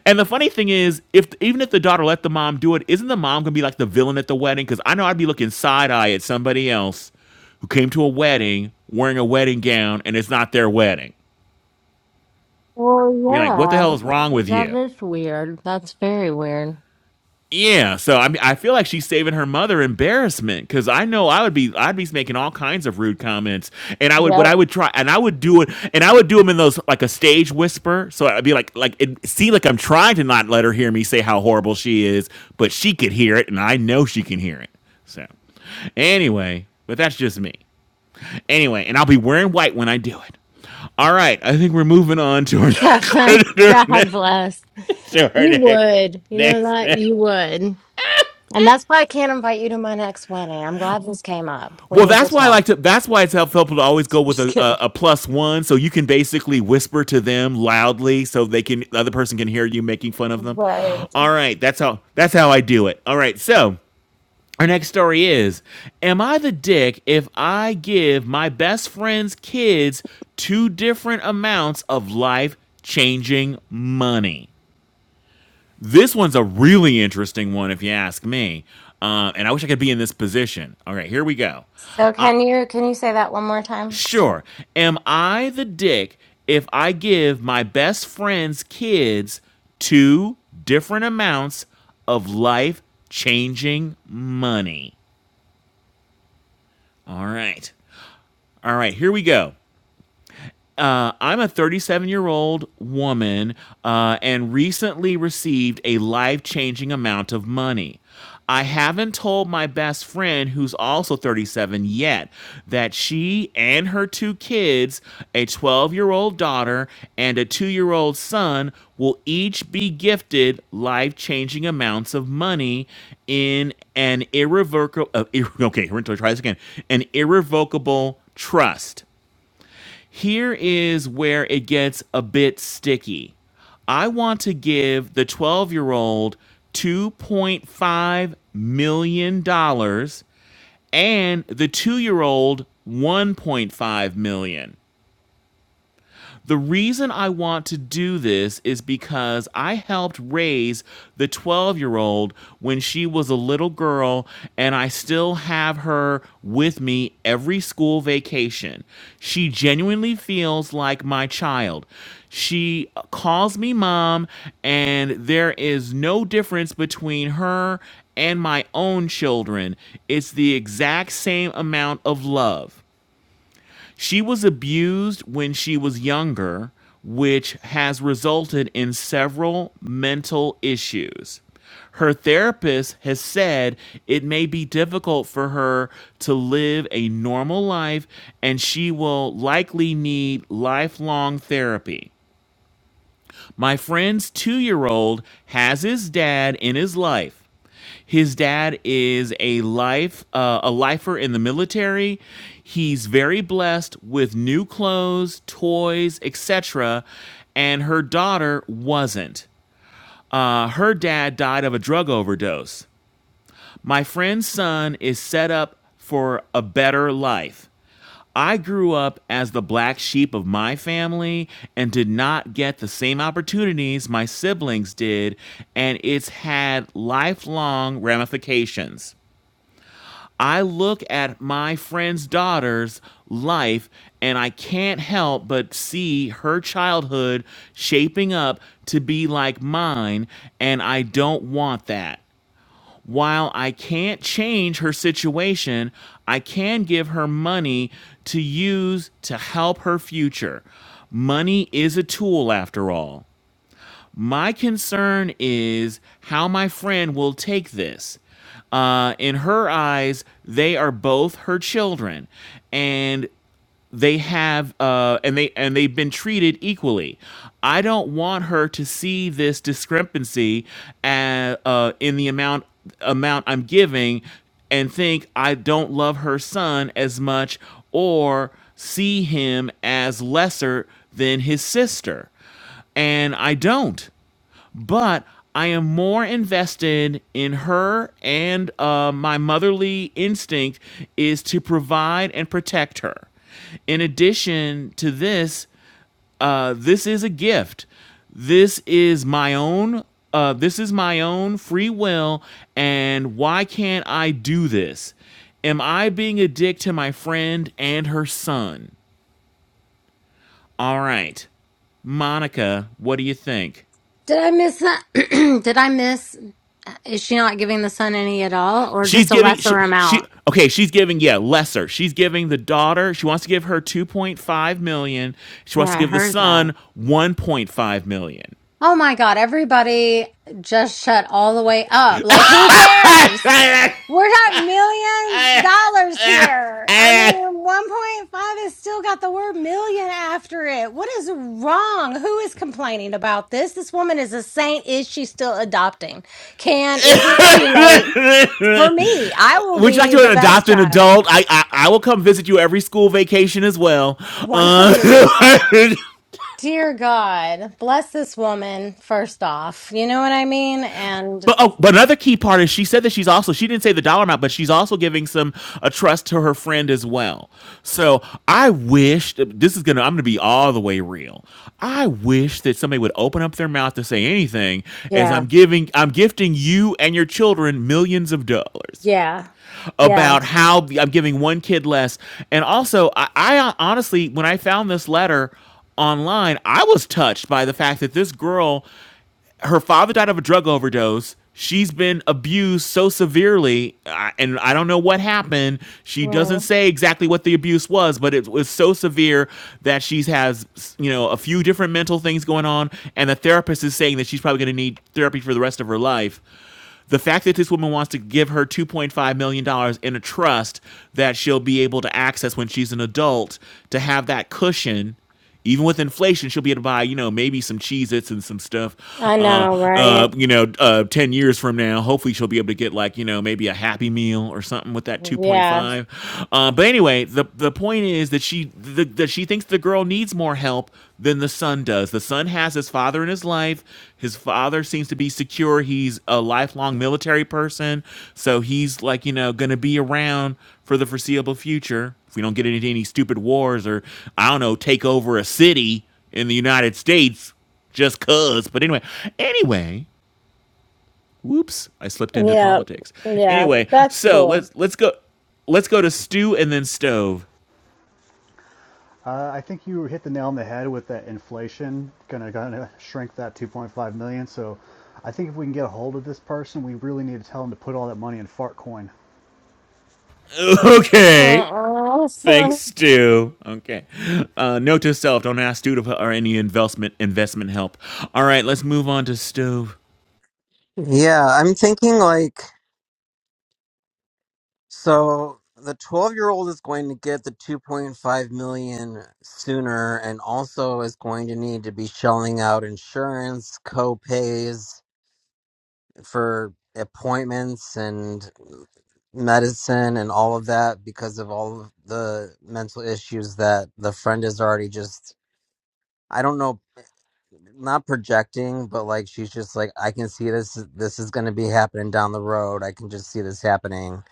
And the funny thing is, if even if the daughter let the mom do it, isn't the mom gonna be like the villain at the wedding? Because I know I'd be looking side eye at somebody else who came to a wedding wearing a wedding gown and it's not their wedding. We're like, what the hell Well, is wrong yeah. with That you? is weird. That's very weird. Yeah, so I mean, I feel like she's saving her mother embarrassment because I know I would be, I'd be making all kinds of rude comments, and I would, what Yep. I would try, and I would do it, and I would do them in those like a stage whisper, so I'd be like, like it seemed like I'm trying to not let her hear me say how horrible she is, but she could hear it, and I know she can hear it. So, anyway, but that's just me. Anyway, and I'll be wearing white when I do it. All right, I think we're moving on to our Kevin, to our God next, bless. to our You would. You know next, that? next You would. And that's why I can't invite you to my next wedding. I'm glad this came up. We Well, need to that's why I talk. like to. That's why it's helpful to always go with Just a, kidding. a a plus one, so you can basically whisper to them loudly, so they can the other person can hear you making fun of them. Right. All right, that's how that's how I do it. All right, so our next story is: Am I the dick if I give my best friend's kids two different amounts of life changing money? This one's a really interesting one, if you ask me. Uh, and I wish I could be in this position. All right, here we go. So can you can you say that one more time? So Sure. Am I the dick if I give my best friend's kids two different amounts of life changing money? All right. All right, here we go. Uh, I'm a 37 year old woman uh, and recently received a life changing amount of money. I haven't told my best friend, who's also 37 yet, that she and her two kids, a 12 year old daughter and a two year old son, will each be gifted life changing amounts of money in an irrevocable, uh, ir- okay, we're going to try this again, an irrevocable trust. Here is where it gets a bit sticky. I want to give the 12 year old $2.5 million dollars and the two year old $1.5 million. dollars. The reason I want to do this is because I helped raise the 12 year old when she was a little girl, and I still have her with me every school vacation. She genuinely feels like my child. She calls me mom, and there is no difference between her and my own children. It's the exact same amount of love. She was abused when she was younger, which has resulted in several mental issues. Her therapist has said it may be difficult for her to live a normal life and she will likely need lifelong therapy. My friend's two year old has his dad in his life. His dad is a life uh, a lifer in the military. He's very blessed with new clothes, toys, etc. And her daughter wasn't. Uh, her dad died of a drug overdose. My friend's son is set up for a better life. I grew up as the black sheep of my family and did not get the same opportunities my siblings did, and it's had lifelong ramifications. I look at my friend's daughter's life and I can't help but see her childhood shaping up to be like mine, and I don't want that while I can't change her situation, I can give her money to use to help her future. Money is a tool after all. My concern is how my friend will take this. Uh, in her eyes, they are both her children. And they have uh, and they and they've been treated equally. I don't want her to see this discrepancy uh uh, in the amount amount I'm giving and think I don't love her son as much or see him as lesser than his sister. And I don't but I am more invested in her, and uh, my motherly instinct is to provide and protect her. In addition to this, uh, this is a gift. This is my own. Uh, this is my own free will, and why can't I do this? Am I being a dick to my friend and her son? All right, Monica, what do you think? did I miss that? did I miss is she not giving the son any at all or She's just a giving lesser she, she amount? okay, she's giving yeah, lesser. She's giving the daughter, she wants to give her 2.5 million. She wants Yeah, to I give the heard that. son 1.5 million. Oh my God, everybody just shut all the way up. Like, who cares? We're not millions dollars here. I mean, 1.5 has still got the word million after it. What is wrong? Who is complaining about this? This woman is a saint. Is she still adopting? Can, is it too late for me? I will Would you like be the to best adopt an child. adult? I I, I will come visit you every school vacation as well. Uh 100%. Dear God, bless this woman, first off. You know what I mean? And But oh, but another key part is she said that she's also she didn't say the dollar amount, but she's also giving some a trust to her friend as well. So I wish this is gonna I'm gonna be all the way real. I wish that somebody would open up their mouth to say anything as Yeah. I'm giving I'm gifting you and your children millions of dollars Yeah. Yeah. about how I'm giving one kid less. And also I, I honestly when I found this letter online, I was touched by the fact that this girl her father died of a drug overdose. She's been abused so severely, uh, and I don't know what happened. She doesn't Right. say exactly what the abuse was, but it was so severe that she has, you know, a few different mental things going on, and the therapist is saying that she's probably going to need therapy for the rest of her life the fact that this woman wants to give her $2.5 million dollars in a trust that she'll be able to access when she's an adult to have that cushion even with inflation, she'll be able to buy, you know, maybe some Cheez-Its and some stuff. I Uh, know, uh, right? you know, uh, ten years from now, hopefully she'll be able to get like, you know, maybe a Happy Meal or something with that Yeah. 2.5. Uh, but anyway, the the point is that she the, that she thinks the girl needs more help than the son does. The son has his father in his life. His father seems to be secure. He's a lifelong military person, so he's like, you know, gonna be around for the foreseeable future. If we don't get into any stupid wars or, I don't know, take over a city in the United States just cuz. But anyway, anyway, whoops, I slipped into Yeah. politics. Yeah. Anyway, That's so cool. let's let's go let's go to stew and then stove. Uh, I think you hit the nail on the head with that inflation gonna gonna shrink that 2.5 million. So I think if we can get a hold of this person, we really need to tell him to put all that money in Fartcoin. Okay. Uh-uh. Thanks, Stu. Okay. Uh, note to self: Don't ask Stu for any investment investment help. All right, let's move on to stove. Yeah, I'm thinking like So the 12 year old is going to get the 2.5 million sooner and also is going to need to be shelling out insurance, co-pays for appointments and medicine and all of that because of all of the mental issues that the friend is already just I don't know not projecting but like she's just like I can see this this is going to be happening down the road. I can just see this happening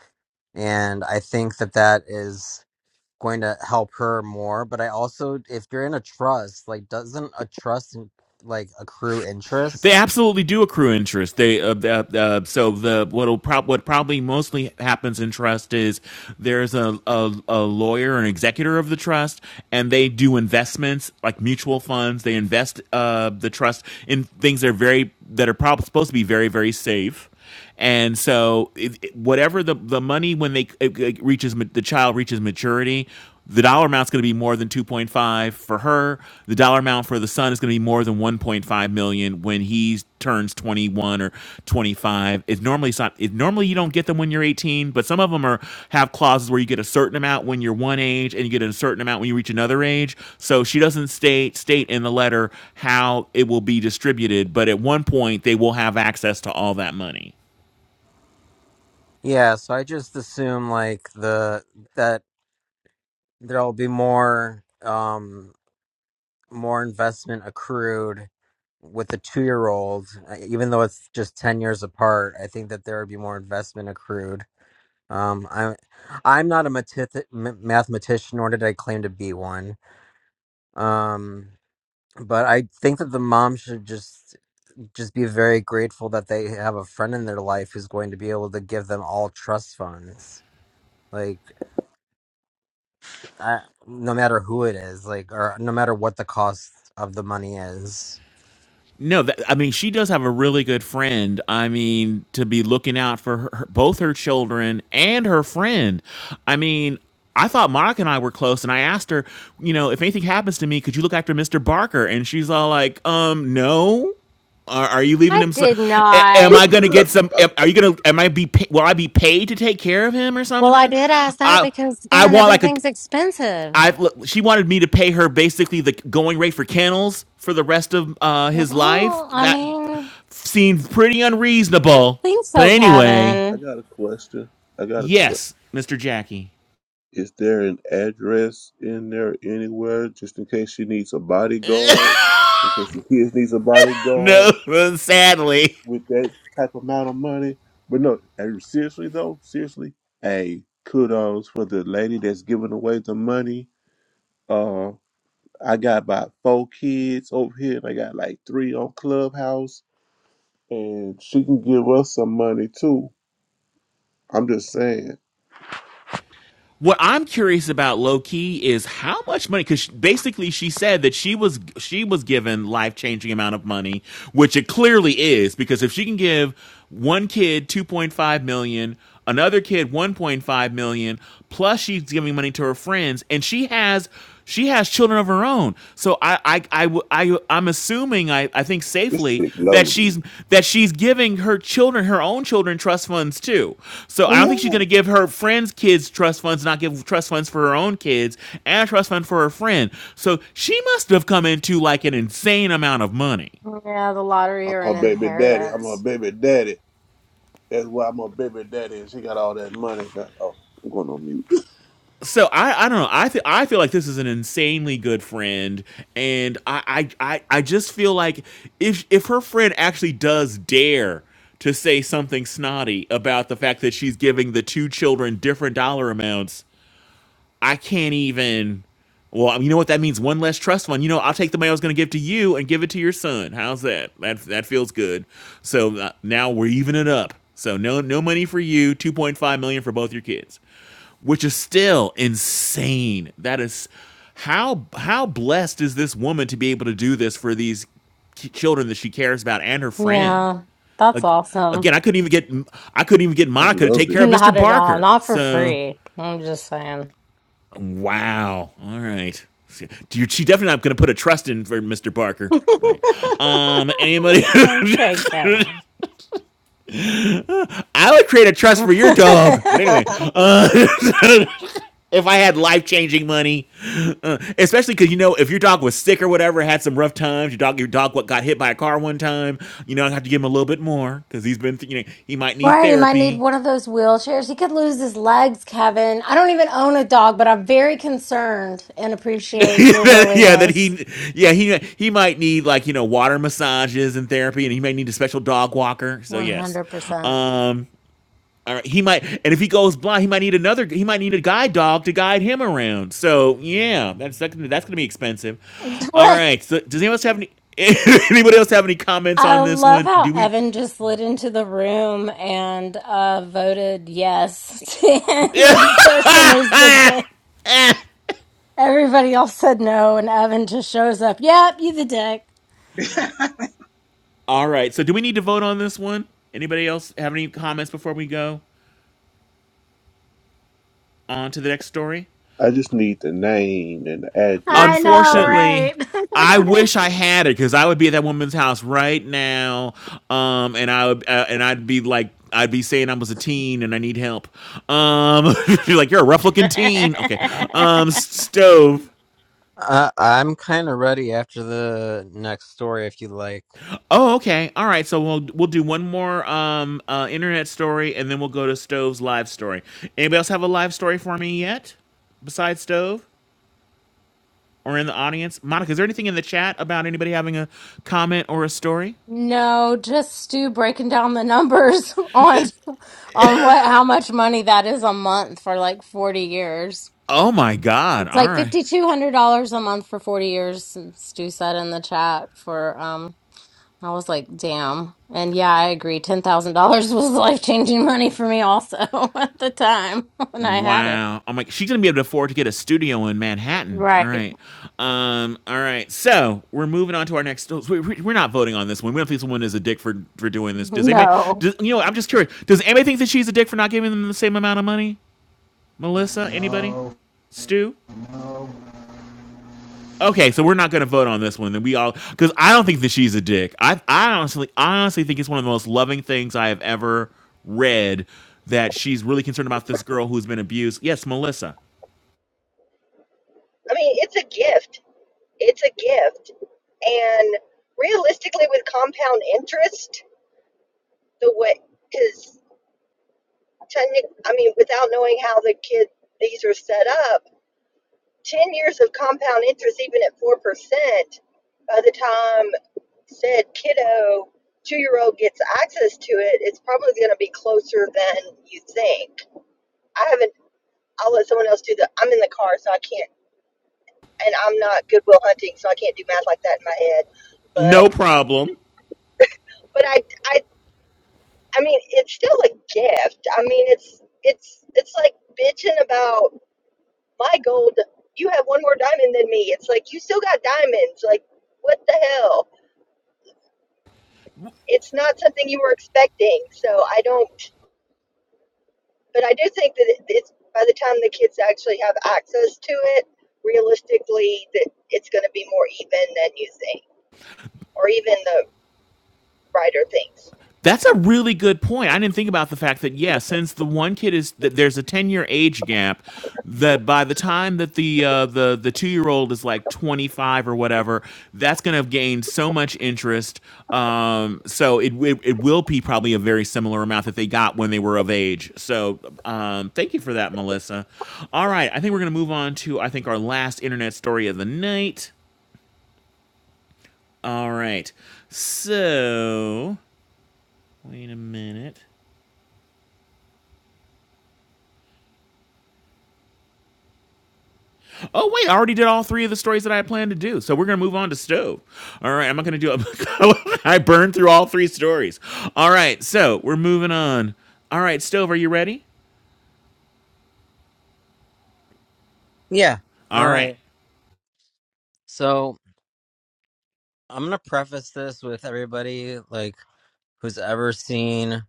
and I think that that is going to help her more but i also if you're in a trust like doesn't a trust like accrue They interest absolutely do accrue interest. They uh, uh, uh, so the what'll prob- what probably mostly happens in trust is there's a, a a lawyer an executor of the trust, and they do investments like mutual funds. They invest uh, the trust in things that are very that are probably supposed to be very very safe and so, it, it- whatever the, the money when they it, it reaches the child reaches maturity, the dollar amount's going to be more than 2.5 for her. The dollar amount for the son is going to be more than 1.5 million when he turns 21 or 25 25 is normally it's not it, normally you don't get them when you're 18 but some of them are have clauses where you get a certain amount when you're one age and you get a certain amount when you reach another age so she doesn't state state in the letter how it will be distributed but at one point they will have access to all that money yeah so i just assume like the that there'll be more um more investment accrued with the two year old even though it's just 10 years apart i think that there would be more investment accrued um i'm i'm not a matith- m- mathematician nor did i claim to be one um but I think that the mom should just just be very grateful that they have a friend in their life who's going to be able to give them all trust funds. Like, I, no matter who it is, like, or no matter what the cost of the money is. No, that, I mean she does have a really good friend. I mean to be looking out for her, her- both her children and her friend. I mean, I thought Monica and I were close, and I asked her, you know, if anything happens to me, could you look after Mister Barker? And she's all like, um, no. Are, are you leaving I him? So, did a- am not. I I gonna get some? Am, are you gonna? Am I be? pa- Will I be paid to take care of him or Well, I something? did ask that I because, I man, want like a. everything's expensive. I she wanted me to pay her basically the going rate for kennels for the rest of uh, his life. Well, I That mean, seemed pretty I don't unreasonable. think But so, anyway, Kevin. got a question. I got a question. yes, Mr. Jackie. Is there an address in there anywhere just in case she needs a bodyguard? In case the kids needs a bodyguard No, sadly. with that type amount of money? But no, hey, seriously though, seriously, hey, kudos for the lady that's giving away the money. Uh, I got about four kids over here, and I got like three on Clubhouse, and she can give us some money too. I'm just saying, What I'm curious about, low key, is how much money. Because basically, she said that she was she was given life changing amount of money, which it clearly is. Because if she can give one kid 2.5 million, another kid 1.5 million, plus she's giving money to her friends, and she has she has children of her own. So I I I I i w- I I'm assuming I, I think this safely chick that loaded. she's that she's giving her children her own children trust funds too. So Oh I don't think she's going yeah, to give her friends' kids trust funds, not give trust funds for her own kids and a trust fund for her friend. So she must have come into like an insane amount of money. Yeah, the lottery I'm or an her baby daddy. I'm her inheritance. baby daddy. That's why my baby daddy and she got all that money. Oh, I'm going on mute. so I, I don't know I feel I feel like this is an insanely good friend and I, I I I just feel like if if her friend actually does dare to say something snotty about the fact that she's giving the two children different dollar amounts I can't even well you know what that means one less trust fund you know I'll take the money I was going to give to you and give it to your son how's that that that feels good so uh, now we're evening it up so no no money for you 2.5 million for both your kids which is still insane. That is how how blessed is this woman to be able to do this for these children that she cares about and her friend. Yeah, that's Again, awesome. I couldn't even get I couldn't even get I Monica to love take care it. of Mr. Not at all. Barker. Not for So free. I'm just saying. wow. All right. She definitely not going to put a trust in for Mr. Barker. All right. Um. Anybody? okay, Kevin. I would create a trust for your dog. But anyway. Uh, if I had life changing money, uh, especially because you know if your dog was sick or whatever, had some rough times, your dog your dog what got hit by a car one time, you know I have to give him a little bit more because he's been you know he might need Right, he might need therapy. one of those wheelchairs. He could lose his legs, Kevin. I don't even own a dog, but I'm very concerned and appreciate your yeah, that willingness. he yeah he he might need like you know water massages and therapy, and he may need a special dog walker. So yes, 100%. um, All right, he might, and if he goes blind, he might need another. He might need a guide dog to guide him around. So yeah, that's that's gonna, that's gonna be expensive. All Right. right. So does anyone else have any? anybody else have any comments I on this love one? how Do we? Evan just slid into the room and uh, voted yes. Yeah. the person is the dick. Everybody else said no, and Evan just shows up. Yep, you the dick. All right. So do we need to vote on this one? Anybody else have any comments before we go on to the next story? I just need the name and the I addresses. know, I'm unfortunately i right? wish i had it because i would be at that woman's house right now um and i would uh, and i'd be like i'd be saying i was a teen and i need help um you're like you're a rough looking teen okay um stove Uh, I'm kind of ready after the next story if you like. oh okay all right so we'll we'll do one more um uh internet story and then we'll go to stove's live story anybody else have a live story for me yet besides stove or in the audience monica is there anything in the chat about anybody having a comment or a story No, just Stu breaking down the numbers on on what how much money that is a month for like 40 years. Oh my God. It's All like right. $5,200 a month for 40 years, Stu said in the chat for um I was like, "Damn." And yeah, I agree. $10,000 was life-changing money for me also at the time when I had it. Wow. I'm like, she's gonna be able to afford to get a studio in Manhattan. All Right. right. Um, all right. So we're moving on to our next so we- we- we're not voting on this one. We don't think someone is a dick for for doing this. Does anybody No. does, you know, I'm just curious. Does anybody think that she's a dick for not giving them the same amount of money? Melissa? Anybody? No, Stu? no. Okay, so we're not going to vote on this one. Then we all because I don't think that she's a dick. I I honestly I honestly think it's one of the most loving things I have ever read that she's really concerned about this girl who's been abused. Yes, Melissa. I mean, it's a gift. It's a gift. And realistically, with compound interest, the way, because, I mean, without knowing how the kid, these are set up, 10 years of compound interest, even at 4%, by the time said kiddo, two year old gets access to it, it's probably going to be closer than you think. I haven't, I'll let someone else do the, I'm in the car, so I can't, and I'm not Goodwill hunting, so I can't do math like that in my head. But No problem. but I, I, I mean, it's still a gift. I mean, it's, it's, it's like bitching about my gold. You have one more diamond than me. It's like you still got diamonds. Like, what the hell? It's not something you were expecting. So I don't. But I do think that it, it's by the time the kids actually have access to it, realistically, that it's going to be more even than you think, or even the writer thinks. That's a really good point. I didn't think about the fact that yeah, since the one kid is that there's a 10-year age gap that by the time that the uh the the 2-year-old is like 25 or whatever, that's going to have gained so much interest. Um so it, it it will be probably a very similar amount that they got when they were of age. So um thank you for that, Melissa. All right, I think we're going to move on to I think our last internet story of the night. All right. So, wait a minute. Oh wait, I already did all three of the stories that I had planned to do. So we're gonna move on to stove. All right, I'm not gonna do. it. I burned through all three stories. All right, so we're moving on. All right, stove, are you ready? Yeah. All All right. right. So I'm going to preface this with everybody, like, who's ever seen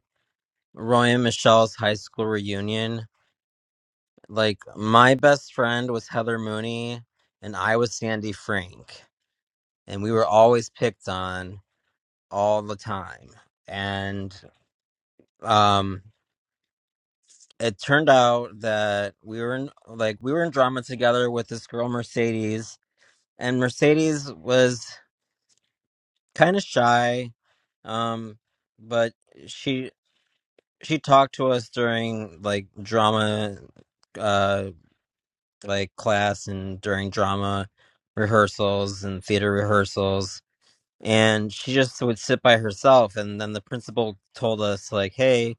Roy and Michelle's high school reunion. Like, my best friend was Heather Mooney, and I was Sandy Frank. and we were always picked on all the time. And um it turned out that we were in like we were in drama together with this girl Mercedes and Mercedes was kind of shy um but she she talked to us during like drama uh like class and during drama rehearsals and theater rehearsals and she just would sit by herself and then the principal told us like hey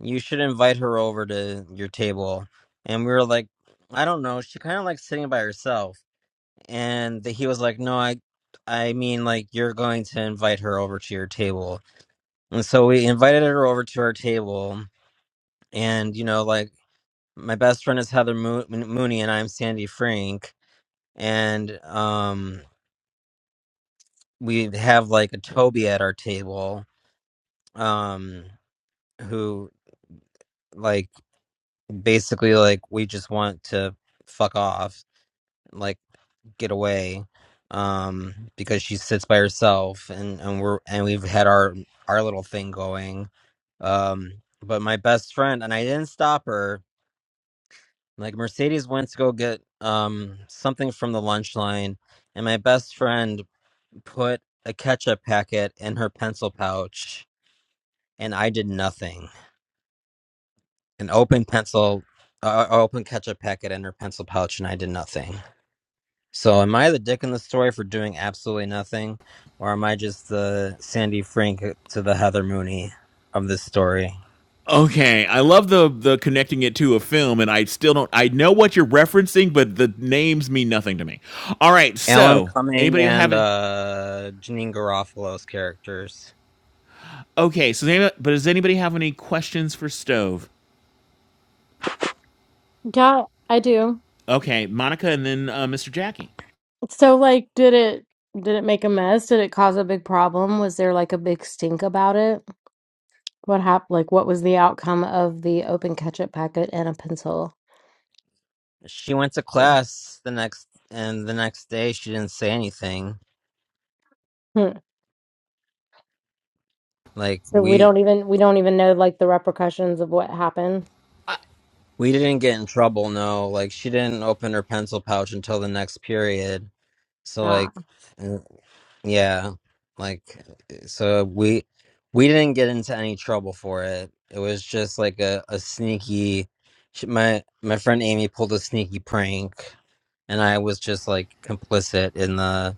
you should invite her over to your table and we were like i don't know she kind of likes sitting by herself and th- he was like no i i mean like you're going to invite her over to your table and so we invited her over to our table and you know like my best friend is heather Mo- mooney and i'm sandy frank and um we have like a toby at our table um who. like basically like we just want to fuck off like get away um because she sits by herself and and we're and we've had our our little thing going um but my best friend and I didn't stop her like Mercedes went to go get um something from the lunch line and my best friend put a ketchup packet in her pencil pouch and I did nothing an open pencil uh, open ketchup packet in her pencil pouch and I did nothing So am I the dick in the story for doing absolutely nothing, or am I just the Sandy Frank uh, to the Heather Mooney of this story? Okay, I love the the connecting it to a film, and I still don't. I know what you're referencing, but the names mean nothing to me. All right, Alan so Cumming anybody have and any? uh, Janine Garofalo's characters. Okay, so does anybody, but does anybody have any questions for stove? Yeah, I do. Okay, Monica, and then uh, Mr. Jackie. So like did it did it make a mess? Did it cause a big problem? Was there like a big stink about it? What happened? Like what was the outcome of the open ketchup packet and a pencil? She went to class the next, and the next day she didn't say anything. Hmm. Like So we we don't even we don't even know like the repercussions of what happened. I, we didn't get in trouble. No, like she didn't open her pencil pouch until the next period. So Ah, like. Yeah. Like eh, so we we didn't get into any trouble for it. It was just like a, a sneaky sh- my my friend Amy pulled a sneaky prank and I was just like complicit in the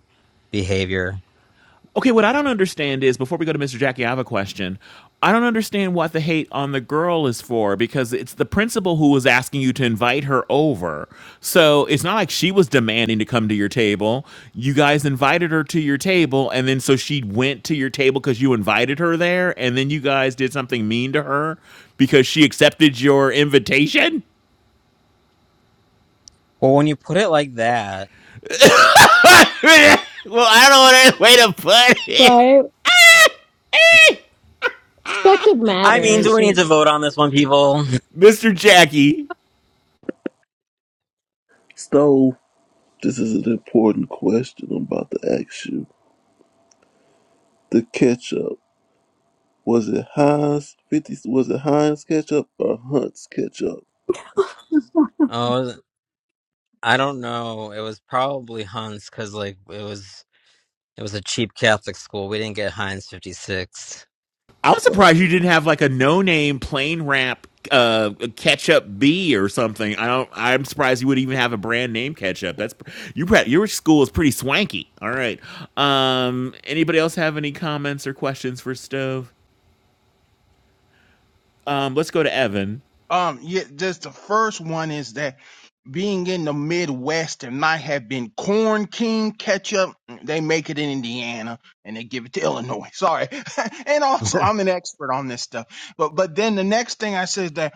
behavior. Okay, what I don't understand is before we go to Mr. Jackie, I have a question. I don't understand what the hate on the girl is for because it's the principal who was asking you to invite her over. So it's not like she was demanding to come to your table. You guys invited her to your table, and then so she went to your table because you invited her there, and then you guys did something mean to her because she accepted your invitation? Well, when you put it like that, Well, I don't know what way to put it. right. Perspective I mean, do matters. we need to vote on this one, people? Mr. Jackie, so this is an important question I'm about to ask you. The ketchup. Was it Heinz fifty was it Heinz ketchup or Hunt's ketchup? Oh, I don't know. It was probably Hans cuz like it was it was a cheap Catholic school. We didn't get Heinz 56. I was No. surprised you didn't have like a no-name plain rap uh ketchup B or something. I don't. I'm surprised you would even have a brand name ketchup. That's you. Your school is pretty swanky. All right. Um. Anybody else have any comments or questions for Stove? Um. Let's go to Evan. Um, yeah, just the first one is that being in the Midwest and I have been corn king ketchup. They make it in Indiana and they give it to Illinois. Sorry. and also I'm an expert on this stuff. But but then the next thing I said is that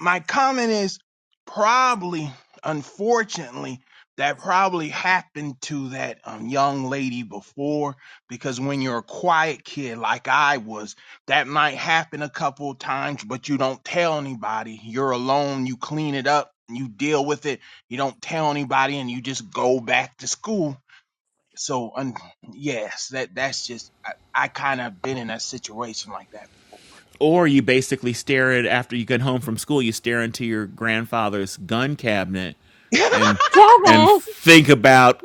my comment is probably, unfortunately, that probably happened to that um, young lady before because when you're a quiet kid like I was, that might happen a couple of times, but you don't tell anybody. You're alone, you clean it up, you deal with it, you don't tell anybody, and you just go back to school. So, un- yes, that that's just I, I kind of been in a situation like that. before. Or you basically stare at after you get home from school, you stare into your grandfather's gun cabinet and and Kevin, think about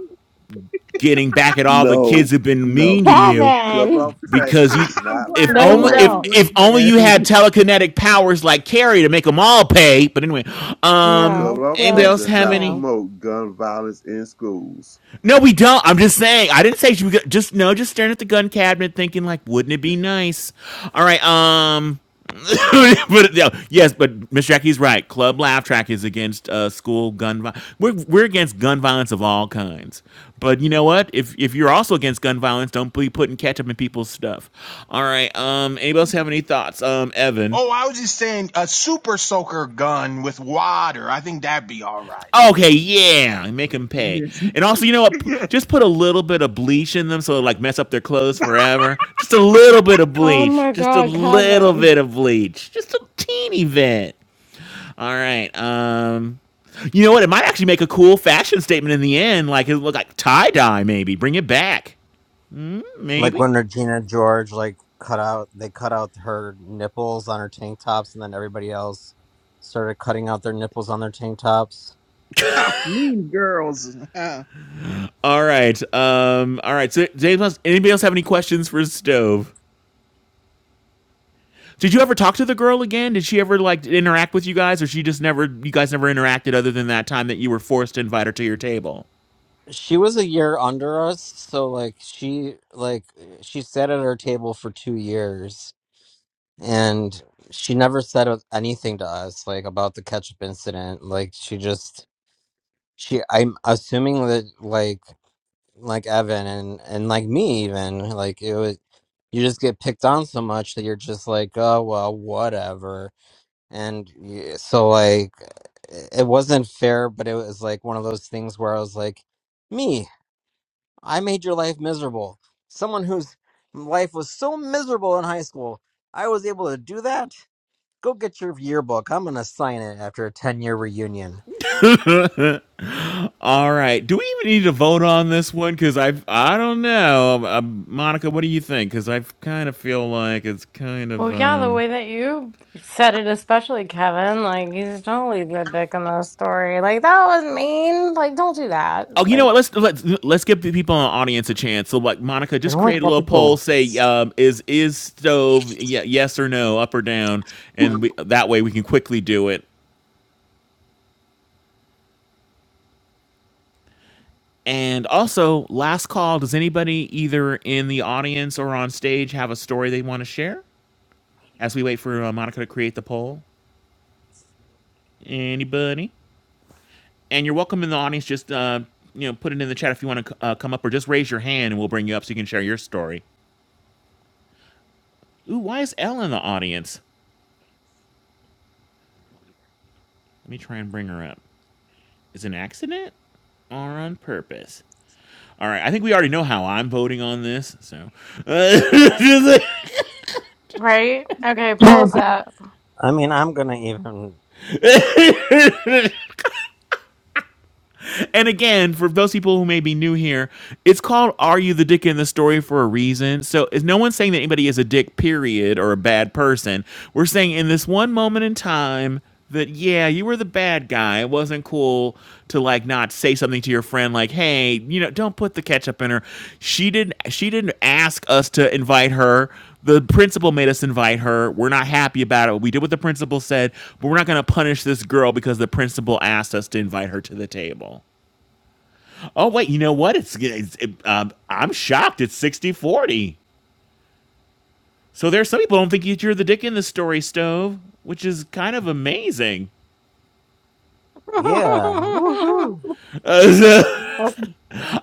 getting back at all the kids No, who've been no. mean to you Club Kevin. Off Track because does you I'm not if glad I No, you only don't have a if promote don't. if only granddad. you had telekinetic powers like Carrie to make them all pay. But anyway, um, Club No. Off anybody Well, Track else does have not any? no. promote gun violence in schools. No, we don't. I'm just saying. I didn't say she was just no, just staring at the gun cabinet, thinking like, wouldn't it be nice? All right. Um. but yeah, yes, but Miss Jackie's right. Club Laugh Track is against uh, school gun. Vi- we're we're against gun violence of all kinds. But you know what? If if you're also against gun violence, don't be putting ketchup in people's stuff. All right. Um. Anybody else have any thoughts? Um. Evan. Oh, I was just saying a super soaker gun with water. I think that'd be all right. Okay, yeah, and make them pay. Yes, And also, you know what? P- yes. Just put a little bit of bleach in them so it'll, like mess up their clothes forever. Just a little bit of Oh bleach. my Just a God, little Kevin. bit of bleach. Just a teeny bit. All right. Um, you know what? It might actually make a cool fashion statement in the end. Like it'll look like tie dye, maybe. Bring it back, Like maybe. when Regina George like cut out they cut out her nipples on her tank tops and then everybody else started cutting out their nipples on their tank tops. Oh, mean girls. All right. Um, all right. So, James, anybody else have any questions for Stove? Did you ever talk to the girl again? Did she ever like interact with you guys, or she just never? You guys never interacted other than that time that you were forced to invite her to your table. She was a year under us, so like she like she sat at our table for 2 years and she never said anything to us like about the ketchup incident. Like she just she I'm assuming that like like Evan and and like me even like it was you just get picked on so much that you're just like oh well whatever and y- so like it wasn't fair but it was like one of those things where I was like me I made your life miserable someone whose life was so miserable in high school I was able to do that go get your yearbook I'm gonna sign it after a 10 year reunion All right. Do we even need to vote on this one? Because I I don't know, Um, uh, Monica. What do you think? Because I kind of feel like it's kind Well, of yeah, the um. way that you said it, especially Kevin, like he's totally the dick in this story. Like that was mean. Like don't do that. Oh, you Like know what? Let's let's let's give the people in the audience a chance. So, like Monica, it just only create a little happened to poll. Say, once um, is is stove yeah, yes or no, up or down, and we, that way we can quickly do it. And also, last call. Does anybody either in the audience or on stage have a story they want to share? As we wait for uh, Monica to create the poll, anybody? And you're welcome in the audience. Just uh, you know, put it in the chat if you want to uh, come up, or just raise your hand and we'll bring you up so you can share your story. Ooh, why is Elle in the audience? Let me try and bring her up. Is it an accident or on purpose? All right, I think we already know how I'm voting on this. So, Uh, right? Okay, pose that. I mean I'm gonna even and again, for those people who may be new here, it's called Are You the Dick in the Story for a reason. So is no one's saying that anybody is a dick, period, or a bad person. We're saying in this one moment in time that yeah, you were the bad guy. It wasn't cool to like not say something to your friend like, "Hey, you know, don't put the ketchup in her." She didn't she didn't ask us to invite her. The principal made us invite her. We're not happy about it. We did what the principal said, but we're not going to punish this girl because the principal asked us to invite her to the table. Oh wait, you know what? It's, it's it, um, I'm shocked. It's sixty forty. So there's some people who don't think you- you're the dick in the story, Stove, which is kind of amazing. yeah woohoo Uh,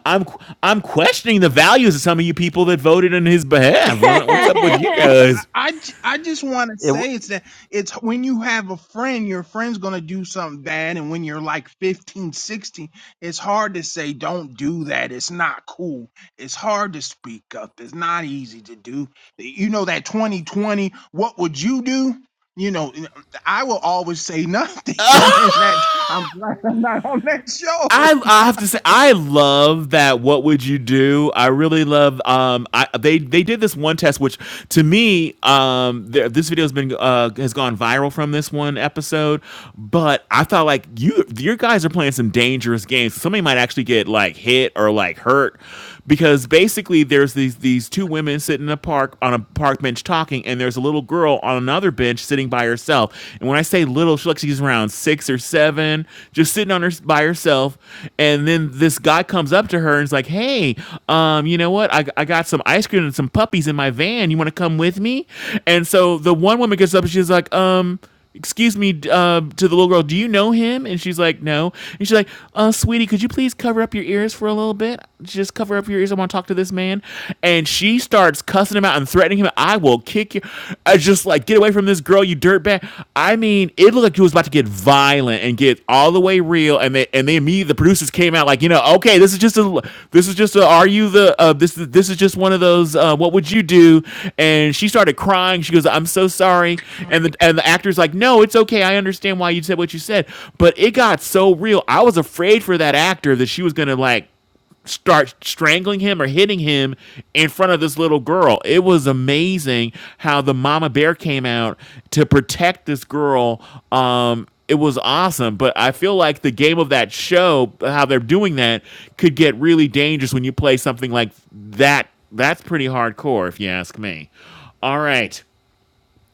I'm I'm questioning the values of some of you people that voted in his behalf. What's Oh up with well, you guys? I, I j- I just want to It w- say it's that it's when you have a friend, your friend's gonna do something bad, and when you're like 15, 16, it's hard to say don't do that. It's not cool. It's hard to speak up. It's not easy to do. You know that twenty twenty. What would you do? You know, n- I will always say nothing, and then that I'm glad I'm not on that show. I I have to say I love that. What would you do? I really love. Um, I they they did this one test, which to me, um, there, this video has been uh has gone viral from this one episode. But I thought like you your guys are playing some dangerous games. Somebody might actually get like hit or like hurt because basically there's these these two women sitting in a park on a park bench talking, and there's a little girl on another bench sitting by herself. And when I say little, she looks like she's around six or seven, just sitting on her by herself. And then this guy comes up to her and is like, "Hey, um, you know what? I I got some ice cream and some puppies in my van. You want to come with me?" And so the one woman gets up and she's like, "Um." excuse me, uh, to the little girl, do you know him? And she's like, no. And she's like, uh, sweetie, could you please cover up your ears for a little bit? Just cover up your ears. I want to talk to this man. And she starts cussing him out and threatening him. I will kick you. I just like, get away from this girl, you dirtbag. I mean, it looked like he was about to get violent and get all the way way real, and they and they immediately the producers came out like, you know, okay, this is just a this is just a are you the uh, this this is just one of those uh, what would you do? And she started crying. She goes, I'm so sorry. And the and the actor's like, no, it's okay. I understand why you said what you said, but it got so real. I was afraid for that actor that she was gonna like start strangling him or hitting him in front of this little girl. It was amazing how the mama bear came out to protect this girl. Um, it was awesome, but I feel like the game of that show, how they're doing that, could get really dangerous when you play something like that. That's pretty hardcore, if you ask me. All right.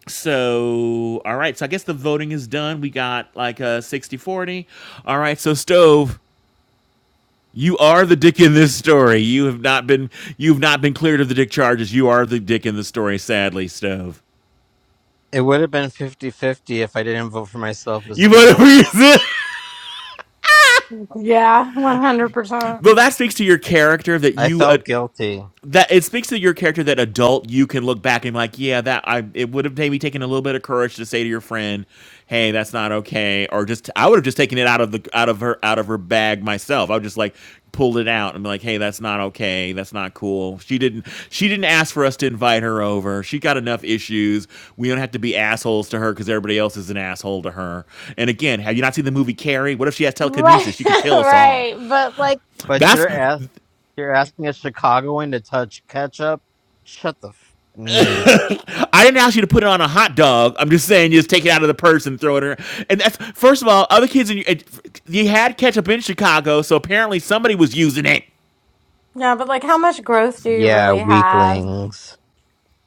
So, all right. So, I guess the voting is done. We got like a 60 40. All right. So, Stove, you are the dick in this story. You have not been you've not been cleared of the dick charges. You are the dick in the story, sadly, Stove. it would have been fifty fifty if I didn't vote for myself as You the voted for dick. yourself. yeah, one hundred percent. Though that speaks to your character that I you uh, felt guilty. that it speaks to your character that adult you can look back and be like yeah that i it would have maybe taken a little bit of courage to say to your friend hey that's not okay or just i would have just taken it out of the out of her out of her bag myself i would just like pulled it out and be like hey that's not okay that's not cool she didn't she didn't ask for us to invite her over she got enough issues we don't have to be assholes to her because everybody else is an asshole to her and again have you not seen the movie carrie what if she has Right, telekinesis she could kill us all right. But like, But you're that's a- you're asking a Chicagoan to touch ketchup? Shut the f- mm, I didn't ask you to put it on a hot dog. I'm just saying, you just take it out of the purse and throw it in. And that's first of all, other kids in you had ketchup in Chicago, so apparently somebody was using it. yeah, but like, how much growth do you Yeah, really have? weaklings.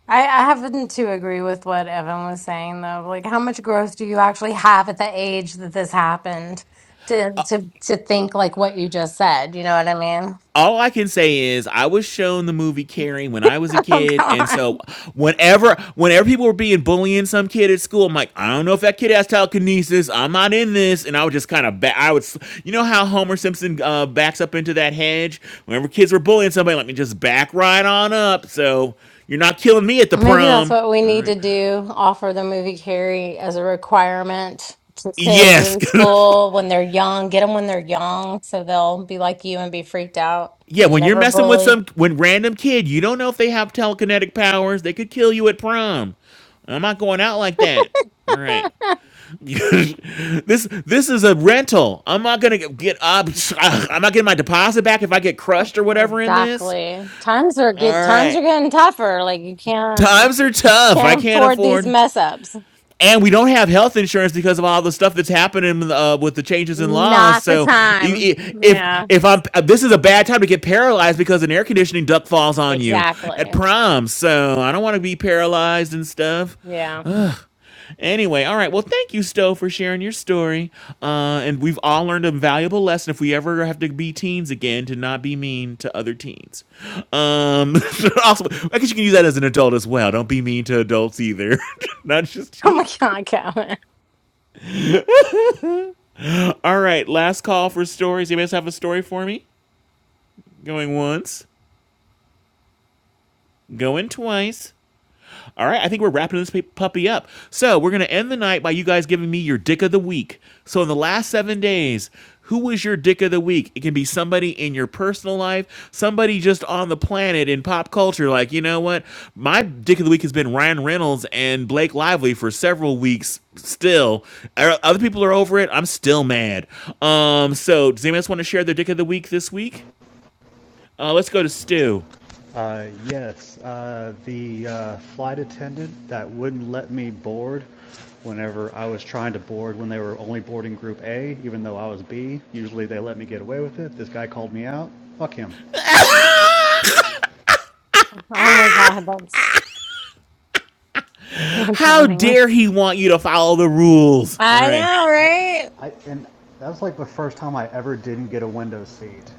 I, I happen to agree with what Evan was saying though. Like how much growth do you actually have at the age that this happened to to to think like what you just said, you know what I mean? all I can say is I was shown the movie Carrie when I was a Oh kid, and god. so whenever whenever people were being bullying some kid at school, I'm like, I don't know if that kid has telekinesis. I'm not in this, and I would just kind of back. I would, you know how Homer Simpson uh, backs up into that hedge whenever kids were bullying somebody. Let me just back right on up. So you're not killing me at the Maybe that's prom. what we All need to right. do, offer the movie Carrie as a requirement to kids Yes. in school when they're young. Get them when they're young so they'll be like you and be freaked out Yeah, and when you're never messing with bully. some when random kid, you don't know if they have telekinetic powers. They could kill you at prom. I'm not going out like that. All right. this this is a rental. I'm not gonna get get- i I'm not getting my deposit back if I get Oh, crushed or whatever in this. exactly. Times are get All times are right. getting tougher. Like you can't. Times are tough. I Can't can't afford these afford. mess ups. and we don't have health insurance because of all the stuff that's happening uh, with the changes in laws. Not the So time. if Yeah, if I'm uh, this is a bad time to get paralyzed because an air conditioning duct falls on you at exactly. prom. So I don't want to be paralyzed and stuff. Yeah. Anyway, all right. Well, thank you, Stowe, for sharing your story. Uh, and we've all learned a valuable lesson if we ever have to be teens again to not be mean to other teens. Um, also, I guess you can use that as an adult as well. Don't be mean to adults either, not just Oh my teens. God, Calvin. All right, last call for stories. You guys have a story for me? Going once, going twice. All right, I think we're wrapping this puppy up. So we're gonna end the night by you guys giving me your dick of the week. So in the last seven days, who was your dick of the week? It can be somebody in your personal life, somebody just on the planet in pop culture. Like you know what, my dick of the week has been Ryan Reynolds and Blake Lively for several weeks. Still, Er, other people are over it. I'm still mad. Um, so does anyone else want to share their dick of the week this week? Uh, let's go to Stu. Uh, yes, uh, the uh, flight attendant that wouldn't let me board whenever I was trying to board when they were only boarding Group A, even though I was B. Usually they let me get away with it. This guy called me out. Fuck him. Oh my God, that's that's How funny. dare he want you to follow the rules? All I right. know, right? I and that was like the first time I ever didn't get a window seat.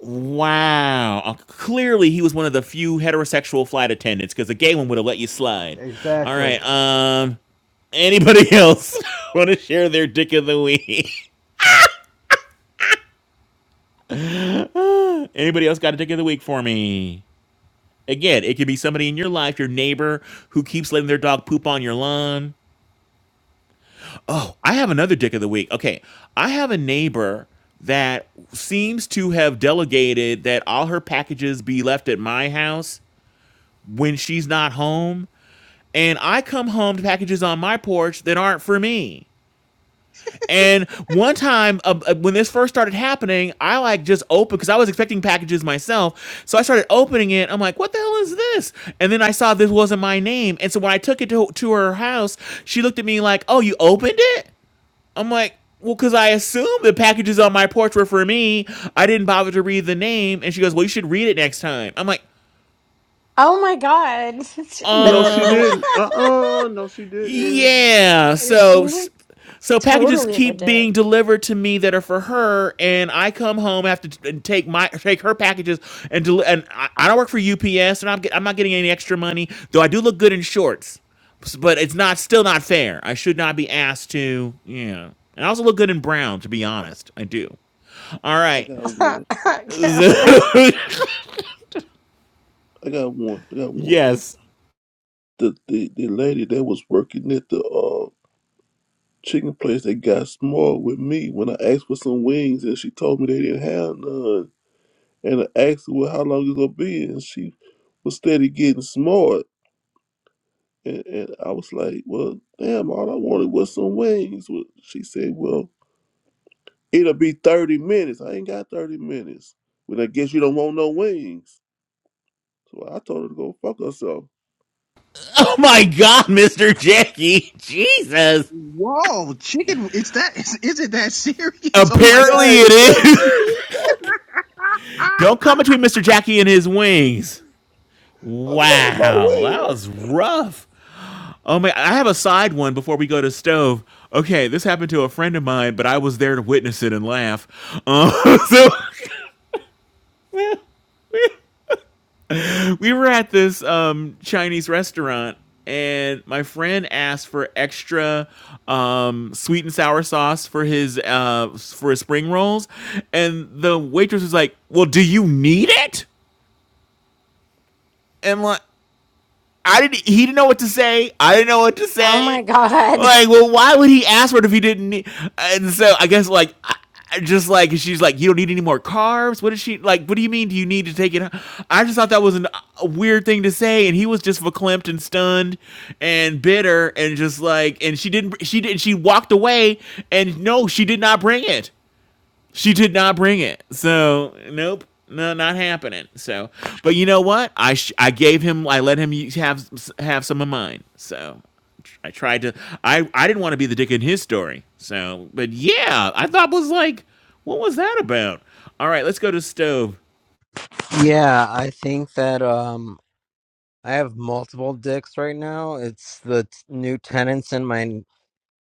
Wow. Uh, clearly, he was one of the few heterosexual flight attendants because a gay one would have let you slide. All Exactly. right. Um. Anybody else want to share their dick of the week? Anybody else got a dick of the week for me? Again, it could be somebody in your life, your neighbor who keeps letting their dog poop on your lawn. Oh, I have another dick of the week. Okay. I have a neighbor that seems to have delegated that all her packages be left at my house when she's not home. And I come home to packages on my porch that aren't for me. And one time uh, uh, when this first started happening, I like just opened because I was expecting packages myself. So I started opening it. I'm like, what the hell is this? And then I saw this wasn't my name. And so when I took it to, to her house, she looked at me like, oh, you opened it? I'm like, well, because I assumed the packages on my porch were for me. I didn't bother to read the name. And she goes, well, you should read it next time. I'm like, Oh my God. No, she um, didn't. Uh uh no, she didn't. yeah. So, She's so packages totally the keep dick. being delivered to me that are for her, and I come home I have to take my take her packages and del- and I, I don't work for UPS, and I'm get, I'm not getting any extra money. Though I do look good in shorts, but it's not still not fair. I should not be asked to yeah. And I also look good in brown, to be honest. I do. All I right. got Calvin. one. I got one. I got one. yes. The the, the lady that was working at the uh chicken place that got smart with me when I asked for some wings and she told me they didn't have none. And I asked her well how long it's gonna be and she was steady getting smart and, and I was like, Well, damn, all I wanted was some wings. Well, she said, Well, it'll be thirty minutes. I ain't got thirty minutes. Well I guess you don't want no wings. So I told her to go fuck herself. Oh my god, Mr. Jackie. Jesus. Whoa, chicken! It's that. Is, is it that serious? Oh my god! Yeah, Apparently is it that is. serious, man? Don't come between Mr. Jackie and his wings. I love my Wow. That was ways. rough. Oh my, I have a side one before we go to stove. Okay, this happened to a friend of mine, but I was there to witness it and laugh. Uh, so we were at this um, Chinese restaurant, and my friend asked for extra um, sweet and sour sauce for his uh, for his spring rolls, and the waitress was like, "Well, do you need it?" And like, I didn't. He didn't know what to say. I didn't know what to oh my say. God. Like, well, why would he ask for it if he didn't? Need, and so I guess like. I, just like she's like, you don't need any more carbs. What is she like? What do you mean? Do you need to take it? I just thought that was an, a weird thing to say, and he was just verklempt and stunned and bitter, and just like, and she didn't. She did. She walked away, and no, she did not bring it. She did not bring it. So, nope. No, not happening. So, but you know what? I sh- I gave him I let him u- have have some of mine. So, tr- I tried to I I didn't want to be the dick in his story. So, but yeah, I thought was like what was that about? All right, let's go to stove. Yeah, I think that um I have multiple dicks right now. It's the t- new tenants in my n-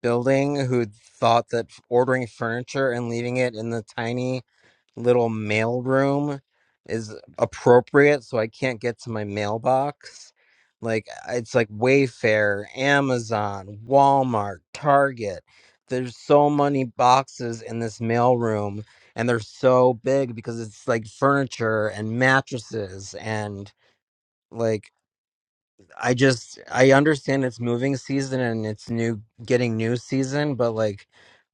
building who thought that f- ordering furniture and leaving it in the tiny little mail room is appropriate so I can't get to my mailbox. Like it's like Wayfair, Amazon, Walmart, Target. There's so many boxes in this mail room and they're so big because it's like furniture and mattresses and like I just I understand it's moving season and it's new getting new season but like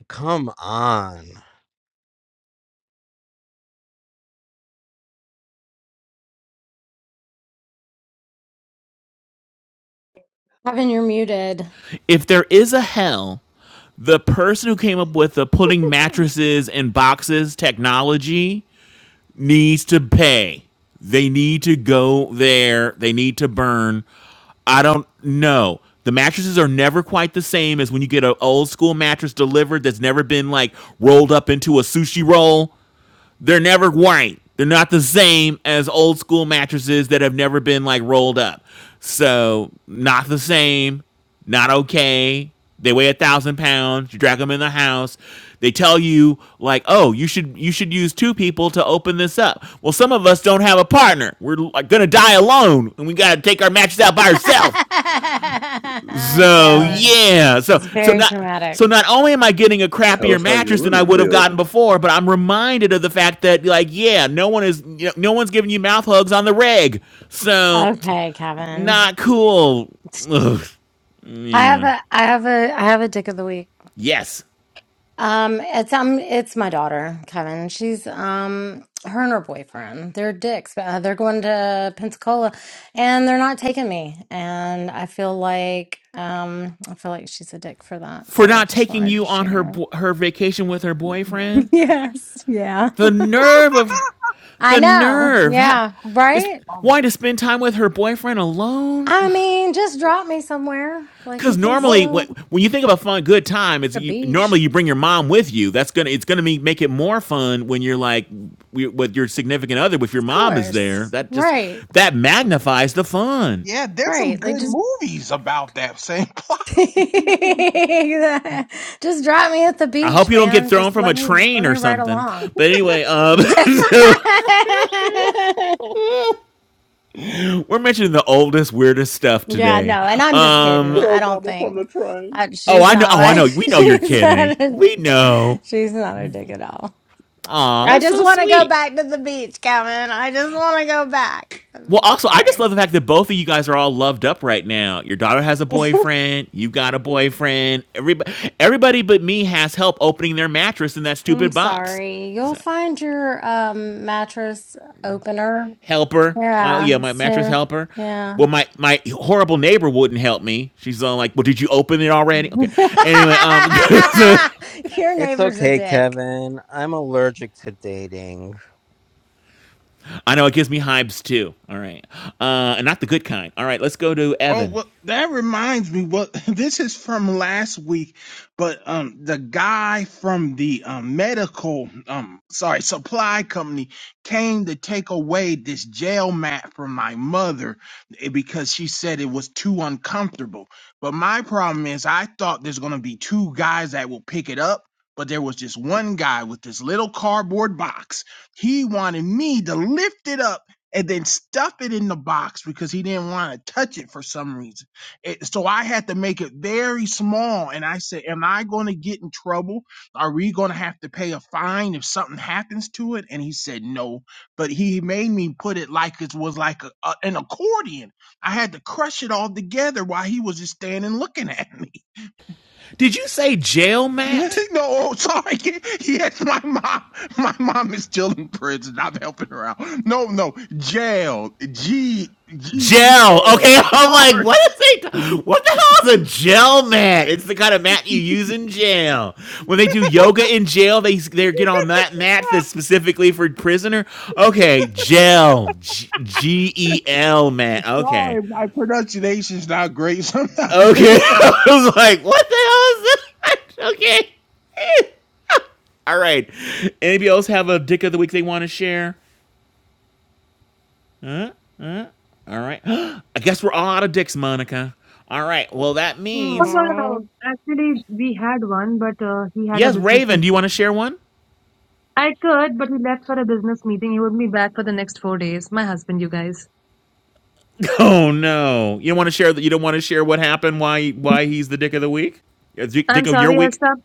come on. Kevin, you're muted. If there is a hell, the person who came up with the putting mattresses in boxes technology needs to pay. They need to go there. They need to burn. I don't know. The mattresses are never quite the same as when you get an old school mattress delivered that's never been like rolled up into a sushi roll. They're never white. They're not the same as old school mattresses that have never been like rolled up. So not the same. Not okay. They weigh a thousand pounds. You drag them in the house. They tell you like, oh, you should you should use two people to open this up. Well, some of us don't have a partner. We're like, gonna die alone, and we gotta take our mattress out by ourselves. So Kevin. Oh. yeah, so It's so very not dramatic. so not only am I getting a Tell crappier us how you mattress than I really would have feel. gotten before, but I'm reminded of the fact that like yeah, no one is you know, no one's giving you mouth hugs on the reg, so Okay, Kevin. not cool. Ugh. I have Yeah. a I have a I have a dick of the week. Yes. Um, it's um, it's my daughter, Kevin. She's um, her and her boyfriend. They're dicks. Uh, they're going to Pensacola, and they're not taking me. And I feel like um, I feel like she's a dick for that. For So I not just taking wanted you to on her share. bo- her vacation with her boyfriend, yes. Yeah. the nerve of her, I the know. nerve ha- Yeah. is Right. Um, wanting to spend time with her boyfriend alone. I mean, just drop me somewhere. Like you Because can what? normally, still when you think about fun, good time is the you, beach, normally you bring your mom with you. That's gonna it's gonna be, make it more fun when you're like we, with your significant other. If your of mom is there, course. that just Right. that magnifies the fun. Yeah, there's some Right. Like good just movies about that same plot. Just drop me at the I hope beach, you don't get man. thrown Just from let a me let train me or ride something. along. But anyway, um, yeah, so we're mentioning the oldest, weirdest stuff today. no, and I'm just kidding. Um, I Throw don't mama from think the train. I, oh, she's I know. not Oh, I my know. We know you're she's kidding. not a, We know. she's not a dick at all. Aw, I that's just so want to go sweet. back to the beach, Kevin. I just want to go back. Well, I'm also, I just sorry. love the fact that both of you guys are all loved up right now. Your daughter has a boyfriend. You got a boyfriend. Everybody, everybody but me has help opening their mattress in that I'm stupid box. sorry. You'll So, find your um mattress opener. helper. Oh Yeah. yeah, my mattress So helper. yeah. Well, my my horrible neighbor wouldn't help me. She's all like, "Well, did you open it already?" Okay. Anyway, um, Your It's neighbor's a okay, dick. Kevin. I'm allergic to dating. I know it gives me hives too. All right, uh, and not the good kind. All right, let's go to Oh, Evan. well, that reminds me. What this is from last week, but um, the guy from the um, medical um, sorry, supply company came to take away this jail mat from my mother eh, because she said it was too uncomfortable. But my problem is, I thought there's gonna be two guys that will pick it up. But there was just one guy with this little cardboard box. He wanted me to lift it up and then stuff it in the box because he didn't want to touch it for some reason. It, so I had to make it very small. And I said, Am I going to get in trouble? Are we going to have to pay a fine if something happens to it? And he said, No. But he made me put it like it was like a, a, an accordion. I had to crush it all together while he was just standing looking at me. Did you say jail, no, Matt? oh, sorry. Yes, my mom. My mom is still in prison. I'm helping her out. No, no, jail. G G Gel. L. Okay, I'm like, Sorry, what is it? What the hell is a gel mat? It's the kind of mat you use in jail. When they do yoga in jail, they they get on that mat that's specifically for prisoner. Okay, gel, G E L mat. Okay, sorry. My pronunciation's not great sometimes. okay. I was like, what the hell is that? okay. all right. Anybody else have a dick of the week they want to share? All right. I guess we're all out of dicks, Monica. All right. Well, that Oh, means no, no, Aw. no. Actually, we had one, but uh, he had a Yes, business Raven. Do you want to meeting. share one? I could, but he left for a business meeting. He would be back for the next four days. My husband, you guys. Oh no, you don't want to share that. You don't want to share what happened. Why? Why he's the dick of the week? Yeah, Dick- I'm Dicko, your sorry, I week. stopped.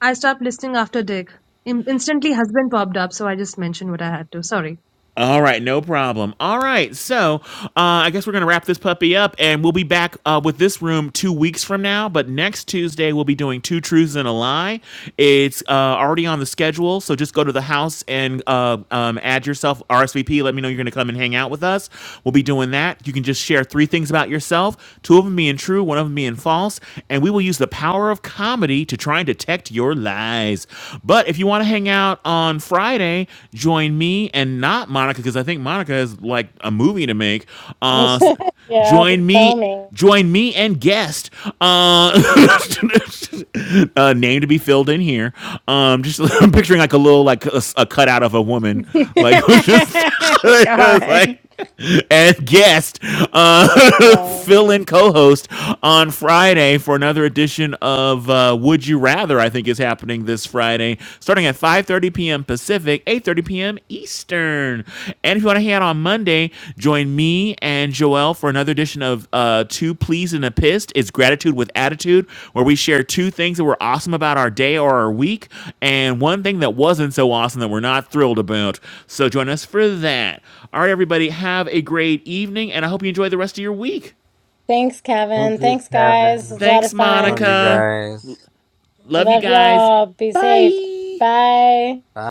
I stopped listening after Dick. In instantly, husband popped up, so I just mentioned what I had to. Sorry. All right, no problem. All right, so uh, I guess we're gonna wrap this puppy up, and we'll be back uh, with this room two weeks from now. But next Tuesday we'll be doing two truths and a lie. It's uh, already on the schedule, so just go to the house and uh, um, add yourself RSVP. Let me know you're gonna come and hang out with us. We'll be doing that. You can just share three things things about yourself, two of them being true, one of them being false, and we will use the power of comedy to try and detect your lies. But if you want to hang out on Friday, join me and not Monica, because I think Monica is like a movie to make. Uh, s- yeah, I'll be join me. foaming. Join me and guest. Uh, uh, name to be filled in here. Um, just I'm picturing like a little like a, a cutout of a woman, like just, just like God. and guest uh, Right. fill-in co-host on Friday for another edition of uh, Would You Rather. I think is happening this Friday, starting at 5:30 p.m. Pacific, 8:30 p.m. Eastern. And if you want to hang out on Monday, join me and Joelle for another edition of uh, Two Pleased and a Pissed. It's Gratitude with Attitude, where we share two things that were awesome about our day or our week, and one thing that wasn't so awesome that we're not thrilled about. So join us for that. All right, everybody, have a great evening, and I hope you enjoy the rest of your week. Thanks, Thank Kevin. you, Thanks, guys. Kevin. It's a lot Thanks, of Love fun. you Monica. guys. I Love you love guys. y'all. Be safe. Bye. Bye. Bye.